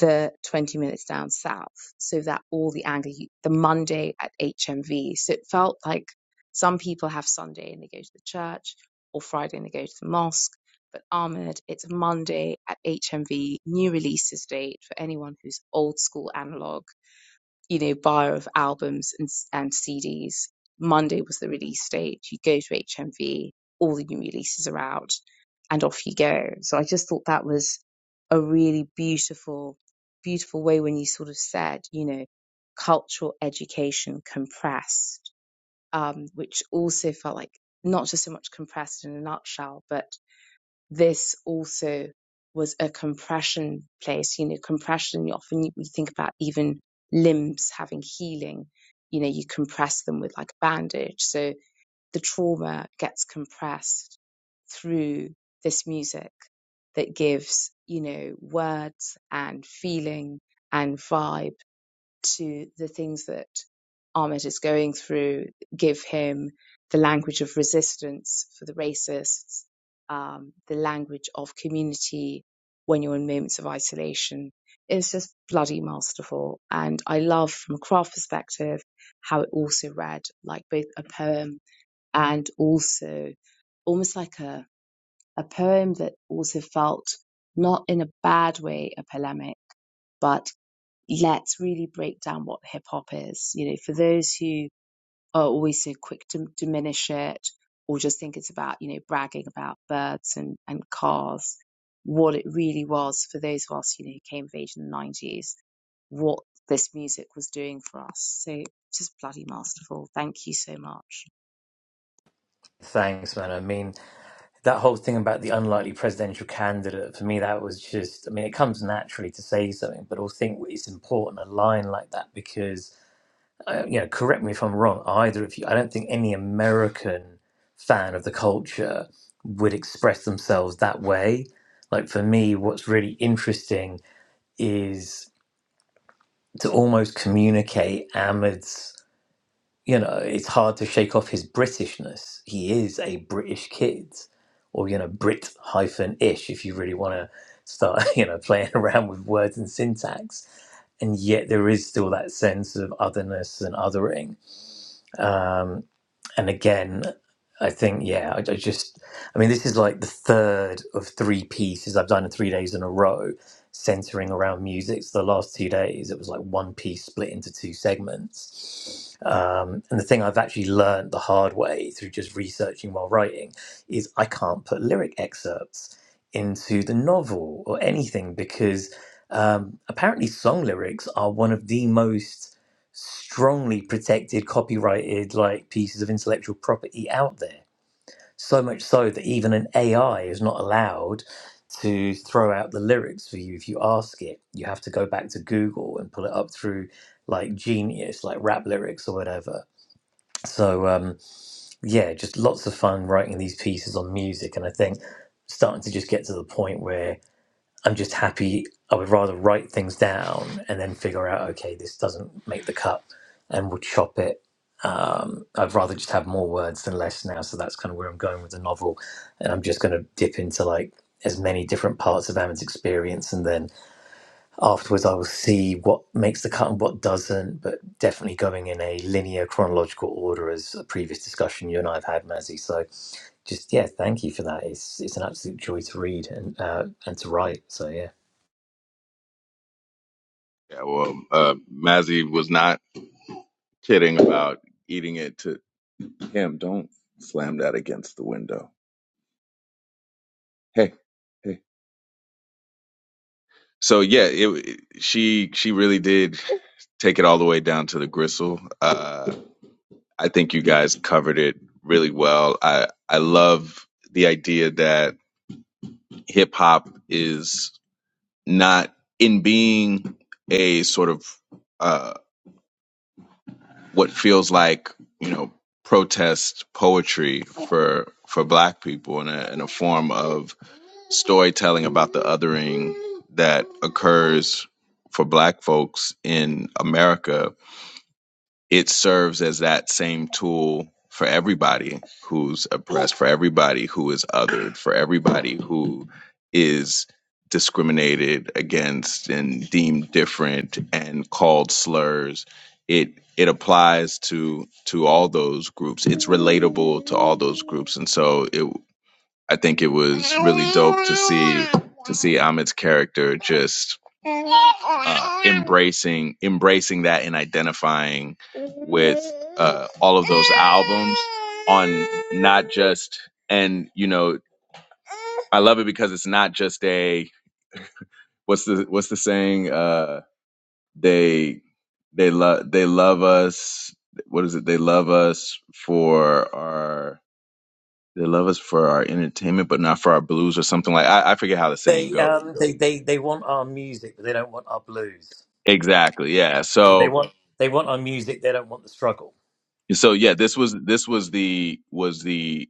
C: the 20 minutes down south. So that all the anger, you- the Monday at HMV. So it felt like some people have Sunday and they go to the church or Friday and they go to the mosque. But Ahmed, it's Monday at HMV, new releases date for anyone who's old school analog you know, bar of albums and, s- and CDs. Monday was the release date. You go to HMV, all the new releases are out, and off you go. So I just thought that was a really beautiful, beautiful way when you sort of said, you know, cultural education compressed, um, which also felt like not just so much compressed in a nutshell, but this also was a compression place. You know, compression, you often you, think about even limbs having healing. You know, you compress them with like a bandage. So the trauma gets compressed through this music that gives, you know, words and feeling and vibe to the things that Ahmed is going through, give him the language of resistance for the racists, um, the language of community when you're in moments of isolation. It's just bloody masterful. And I love from a craft perspective how it also read like both a poem and also almost like a, a poem that also felt not in a bad way a polemic but let's really break down what hip hop is. You know, for those who are always so quick to diminish it or just think it's about, you know, bragging about birds and, and cars, what it really was for those of us, you know, who came of age in the 90s, what this music was doing for us. So just bloody masterful. Thank you so much.
A: Thanks, man. I mean, that whole thing about the unlikely presidential candidate for me that was just i mean it comes naturally to say something but i think it's important a line like that because. uh, you know, correct me if I'm wrong, either of you, I don't think any American fan of the culture would express themselves that way. Like for me, what's really interesting is to almost communicate Ahmed's, you know, it's hard to shake off his Britishness. He is a British kid, or, you know, Brit hyphen ish, if you really want to start, you know, playing around with words and syntax and yet there is still that sense of otherness and othering. Um, And again, I think, yeah, I, I just, I mean, this is like the third of three pieces I've done in three days in a row, centering around music. So the last two days, it was like one piece split into two segments. Um, and the thing I've actually learned the hard way through just researching while writing is I can't put lyric excerpts into the novel or anything because um, apparently song lyrics are one of the most strongly protected, copyrighted, like pieces of intellectual property out there. So much so that even an AI is not allowed to throw out the lyrics for you if you ask it. You have to go back to Google and pull it up through like Genius, like rap lyrics or whatever. So um, yeah, just lots of fun writing these pieces on music, and I think starting to just get to the point where I'm just happy. I would rather write things down and then figure out, okay, this doesn't make the cut, and we'll chop it. Um, I'd rather just have more words than less now. So that's kind of where I'm going with the novel, and I'm just going to dip into like as many different parts of Amit's experience, and then afterwards I will see what makes the cut and what doesn't. But definitely going in a linear chronological order, as a previous discussion you and I have had, Mazzy. So just yeah, thank you for that. It's it's an absolute joy to read and uh, and to write. So yeah.
B: Yeah, well, uh, Mazzy was not kidding about eating it to him. Don't slam that against the window. Hey, hey. So yeah, it, it- she she really did take it all the way down to the gristle. Uh, I think you guys covered it really well. I I love the idea that hip hop is not in being a sort of uh, what feels like you know protest poetry for for Black people in a in a form of storytelling about the othering that occurs for Black folks in America it serves as that same tool for everybody who's oppressed, for everybody who is othered, for everybody who is discriminated against and deemed different and called slurs. It it applies to to all those groups. It's relatable to all those groups, and so it I think it was really dope to see to see Ahmed's character just uh, embracing embracing that and identifying with uh, all of those albums on not just and you know I love it because it's not just a what's the what's the saying uh, they they love they love us what is it they love us for our they love us for our entertainment but not for our blues or something like I, I forget how the saying
A: They
B: goes.
A: um they, they they want our music, but they don't want our blues.
B: Exactly. Yeah.
A: They
B: So
A: want they want our music. They don't want the struggle.
B: so yeah, this was this was the was the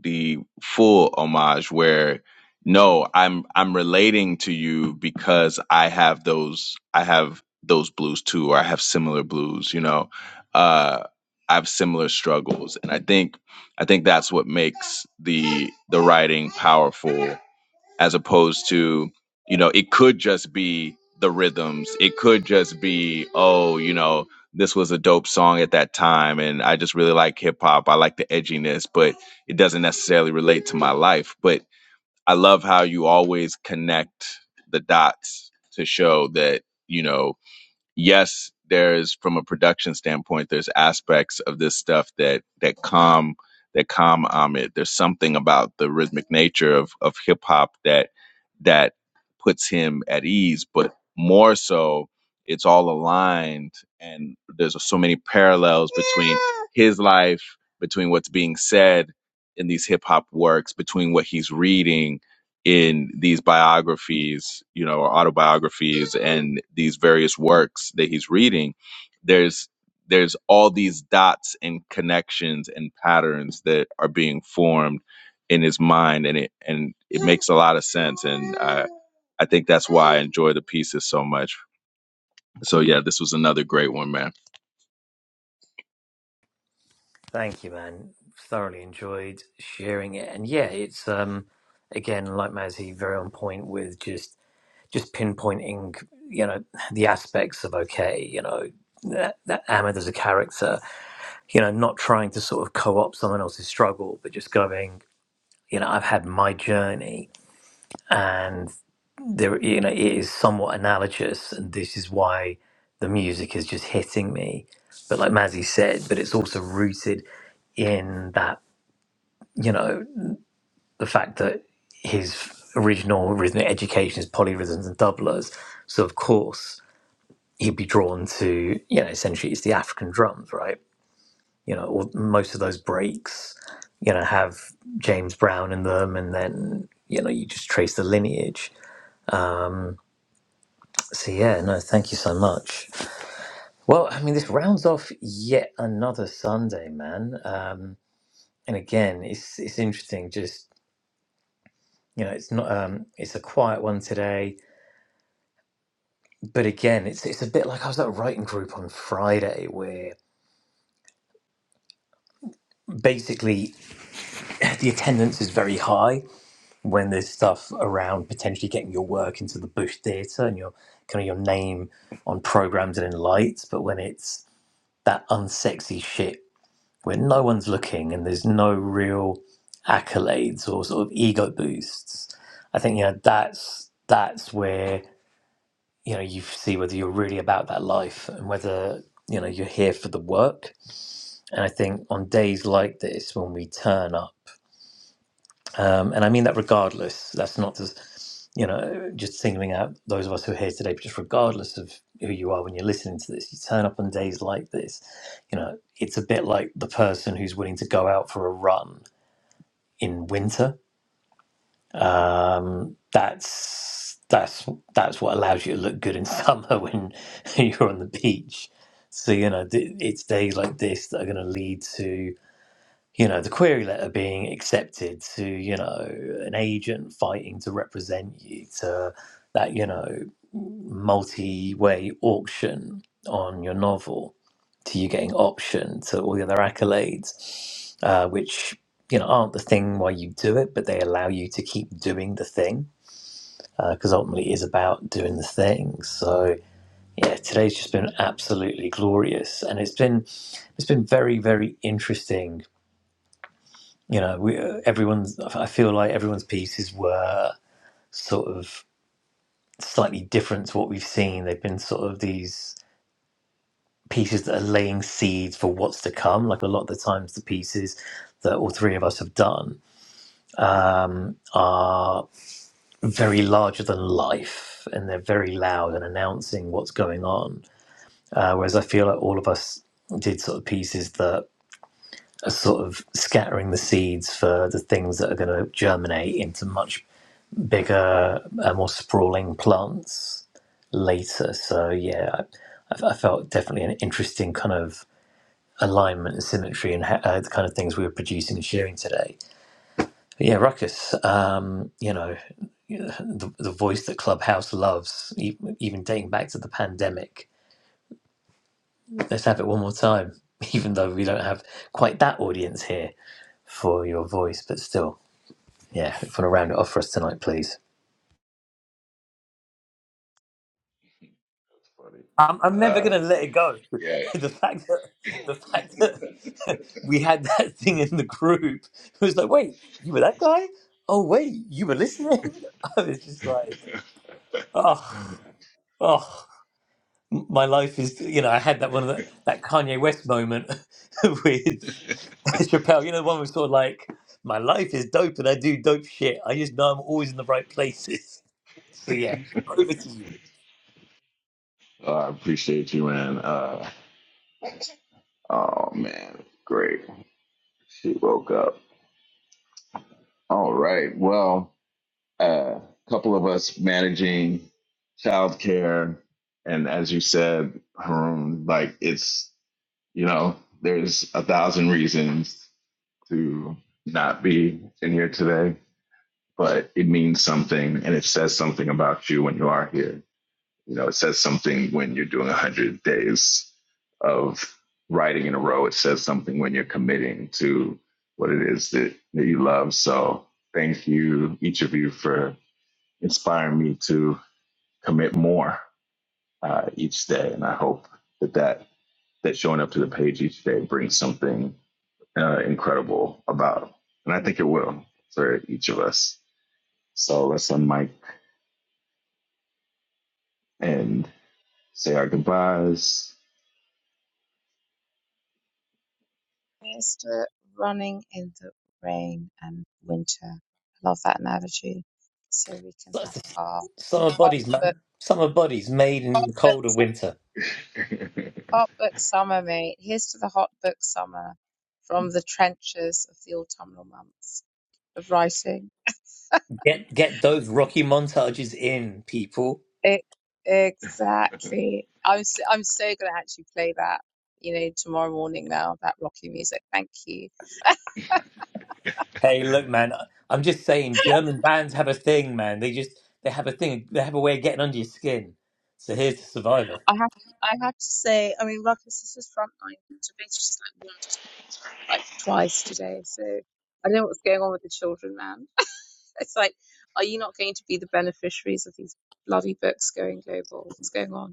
B: the full homage where no, I'm I'm relating to you because I have those I have those blues too, or I have similar blues, you know. Uh I have similar struggles. And I think I think that's what makes the the writing powerful as opposed to you know it could just be the rhythms it could just be oh you know this was a dope song at that time and i just really like hip hop i like the edginess but it doesn't necessarily relate to my life but i love how you always connect the dots to show that you know yes, there's from a production standpoint, there's aspects of this stuff that that calm that calm Ahmed. There's something about the rhythmic nature of of hip hop that that puts him at ease, but more so, it's all aligned, and there's so many parallels between his life, between what's being said in these hip hop works, between what he's reading in these biographies, you know, or autobiographies and these various works that he's reading, there's there's all these dots and connections and patterns that are being formed in his mind and it and it makes a lot of sense and I I think that's why I enjoy the pieces so much. So yeah, this was another great one, man.
A: Thank you, man. Thoroughly enjoyed sharing it, and yeah, it's um again like Mazzy, very on point with just just pinpointing you know the aspects of okay, you know that, that Ahmed as a character, you know, not trying to sort of co-opt someone else's struggle, but just going, you know, I've had my journey and there you know it is somewhat analogous and this is why the music is just hitting me but like mazzy said but it's also rooted in that you know the fact that his original rhythmic education is polyrhythms and doublers so of course he'd be drawn to you know essentially it's the african drums right you know or most of those breaks you know have james brown in them and then you know you just trace the lineage Um, So yeah, no, thank you so much. Well, I mean, this rounds off yet another Sunday, man. Um, and again, it's it's interesting. Just you know, it's not um, it's a quiet one today, but again, it's it's a bit like I was at a writing group on Friday, where basically the attendance is very high when there's stuff around potentially getting your work into the Bush Theatre and your kind of your name on programs and in lights, but when it's that unsexy shit when no one's looking and there's no real accolades or sort of ego boosts, I think you know that's that's where you know you see whether you're really about that life and whether you know you're here for the work. And I think on days like this, when we turn up, um, and I mean that regardless, that's not just you know just singling out those of us who are here today, but just regardless of who you are when you're listening to this, you turn up on days like this, you know, it's a bit like the person who's willing to go out for a run in winter. Um, that's that's that's what allows you to look good in summer when you're on the beach. So you know th- it's days like this that are going to lead to you know, the query letter being accepted to, you know, an agent fighting to represent you to that, you know, multi way auction on your novel to you getting option to all the other accolades, uh, which, you know, aren't the thing why you do it, but they allow you to keep doing the thing because ultimately it is about doing the thing. So, yeah, today's just been absolutely glorious and it's been it's been very very interesting you know we, uh, everyone's i feel like everyone's pieces were sort of slightly different to what we've seen they've been sort of these pieces that are laying seeds for what's to come like a lot of the times the pieces that all three of us have done um, are very larger than life and they're very loud and announcing what's going on uh, whereas i feel like all of us did sort of pieces that are sort of scattering the seeds for the things that are going to germinate into much bigger, uh, more sprawling plants later. So yeah, I, I felt definitely an interesting kind of alignment and symmetry and ha- uh, the kind of things we were producing and sharing today. But yeah, Ruckus, um, you know, the, the voice that Clubhouse loves, e- even dating back to the pandemic. Let's have it one more time, even though we don't have quite that audience here for your voice, but still. Yeah, if you want to round it off for us tonight, please.
B: buddy.
A: I'm, I'm never
B: Uh,
A: gonna let it go.
B: yeah,
A: the fact that the fact that we had that thing in the group it was like, wait, you were that guy? Oh wait, you were listening? I was just like, oh, oh, M- my life is. You know, I had that one of the, that Kanye West moment with Chappelle. You know, the one was sort of like, my life is dope and I do dope shit. I just know I'm always in the right places. So yeah, over to
B: uh, I appreciate you, man. Uh, oh man, great. She woke up. All right. Well. a couple of us managing childcare, and as you said, Haroon, like it's you know there's a thousand reasons to not be in here today, but it means something, and it says something about you when you are here. You know, it says something when you're doing one hundred days of writing in a row. It says something when you're committing to what it is that, that you love. So thank you, each of you, for inspire me to commit more uh, each day. And I hope that that that showing up to the page each day brings something uh, incredible about. And I think it will for each of us. So let's unmic and say our goodbyes.
C: Mr. Running in the Rain and Winter. I love that analogy. So we can
A: you.
C: have our
A: Summer
C: pop
A: bodies,
C: but
A: man. Summer bodies made in
C: pop,
A: the
C: but
A: cold of winter.
C: Hot book summer, mate. Here's to the hot book summer from the trenches of the autumnal months of writing.
A: Get get those rocky montages in, people.
C: E- exactly. I'm so, I'm so gonna actually play that, you know, tomorrow morning now, that Rocky music. Thank you.
A: Hey, look, man. I- I'm just saying, German bands have a thing, man. They just they have a thing. They have a way of getting under your skin. So here's to Survivor.
C: I have to I have to say, I mean Ruckus this is his frontline to be just like wandered in like twice today, so I don't know what's going on with the children, man. It's like, are you not going to be the beneficiaries of these bloody books going global? What's going on?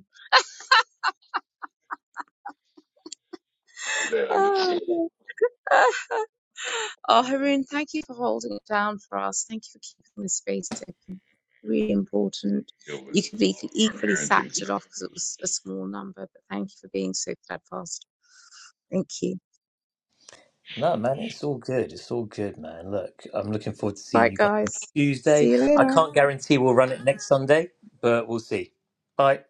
C: Oh, dear. Oh, Haroon, thank you for holding it down for us. Thank you for keeping the space open. Really important.
B: Deal
C: You
B: with
C: could be
B: all of
C: equally
B: our parenting.
C: sacked it off because it was a small number, but thank you for being so steadfast. Thank you.
A: No, man, it's all good. It's all good, man. Look, I'm looking forward to seeing
C: Right,
A: you guys on
C: guys.
A: Tuesday.
C: See you
A: I
C: later.
A: can't guarantee we'll run it next Sunday, but we'll see. Bye.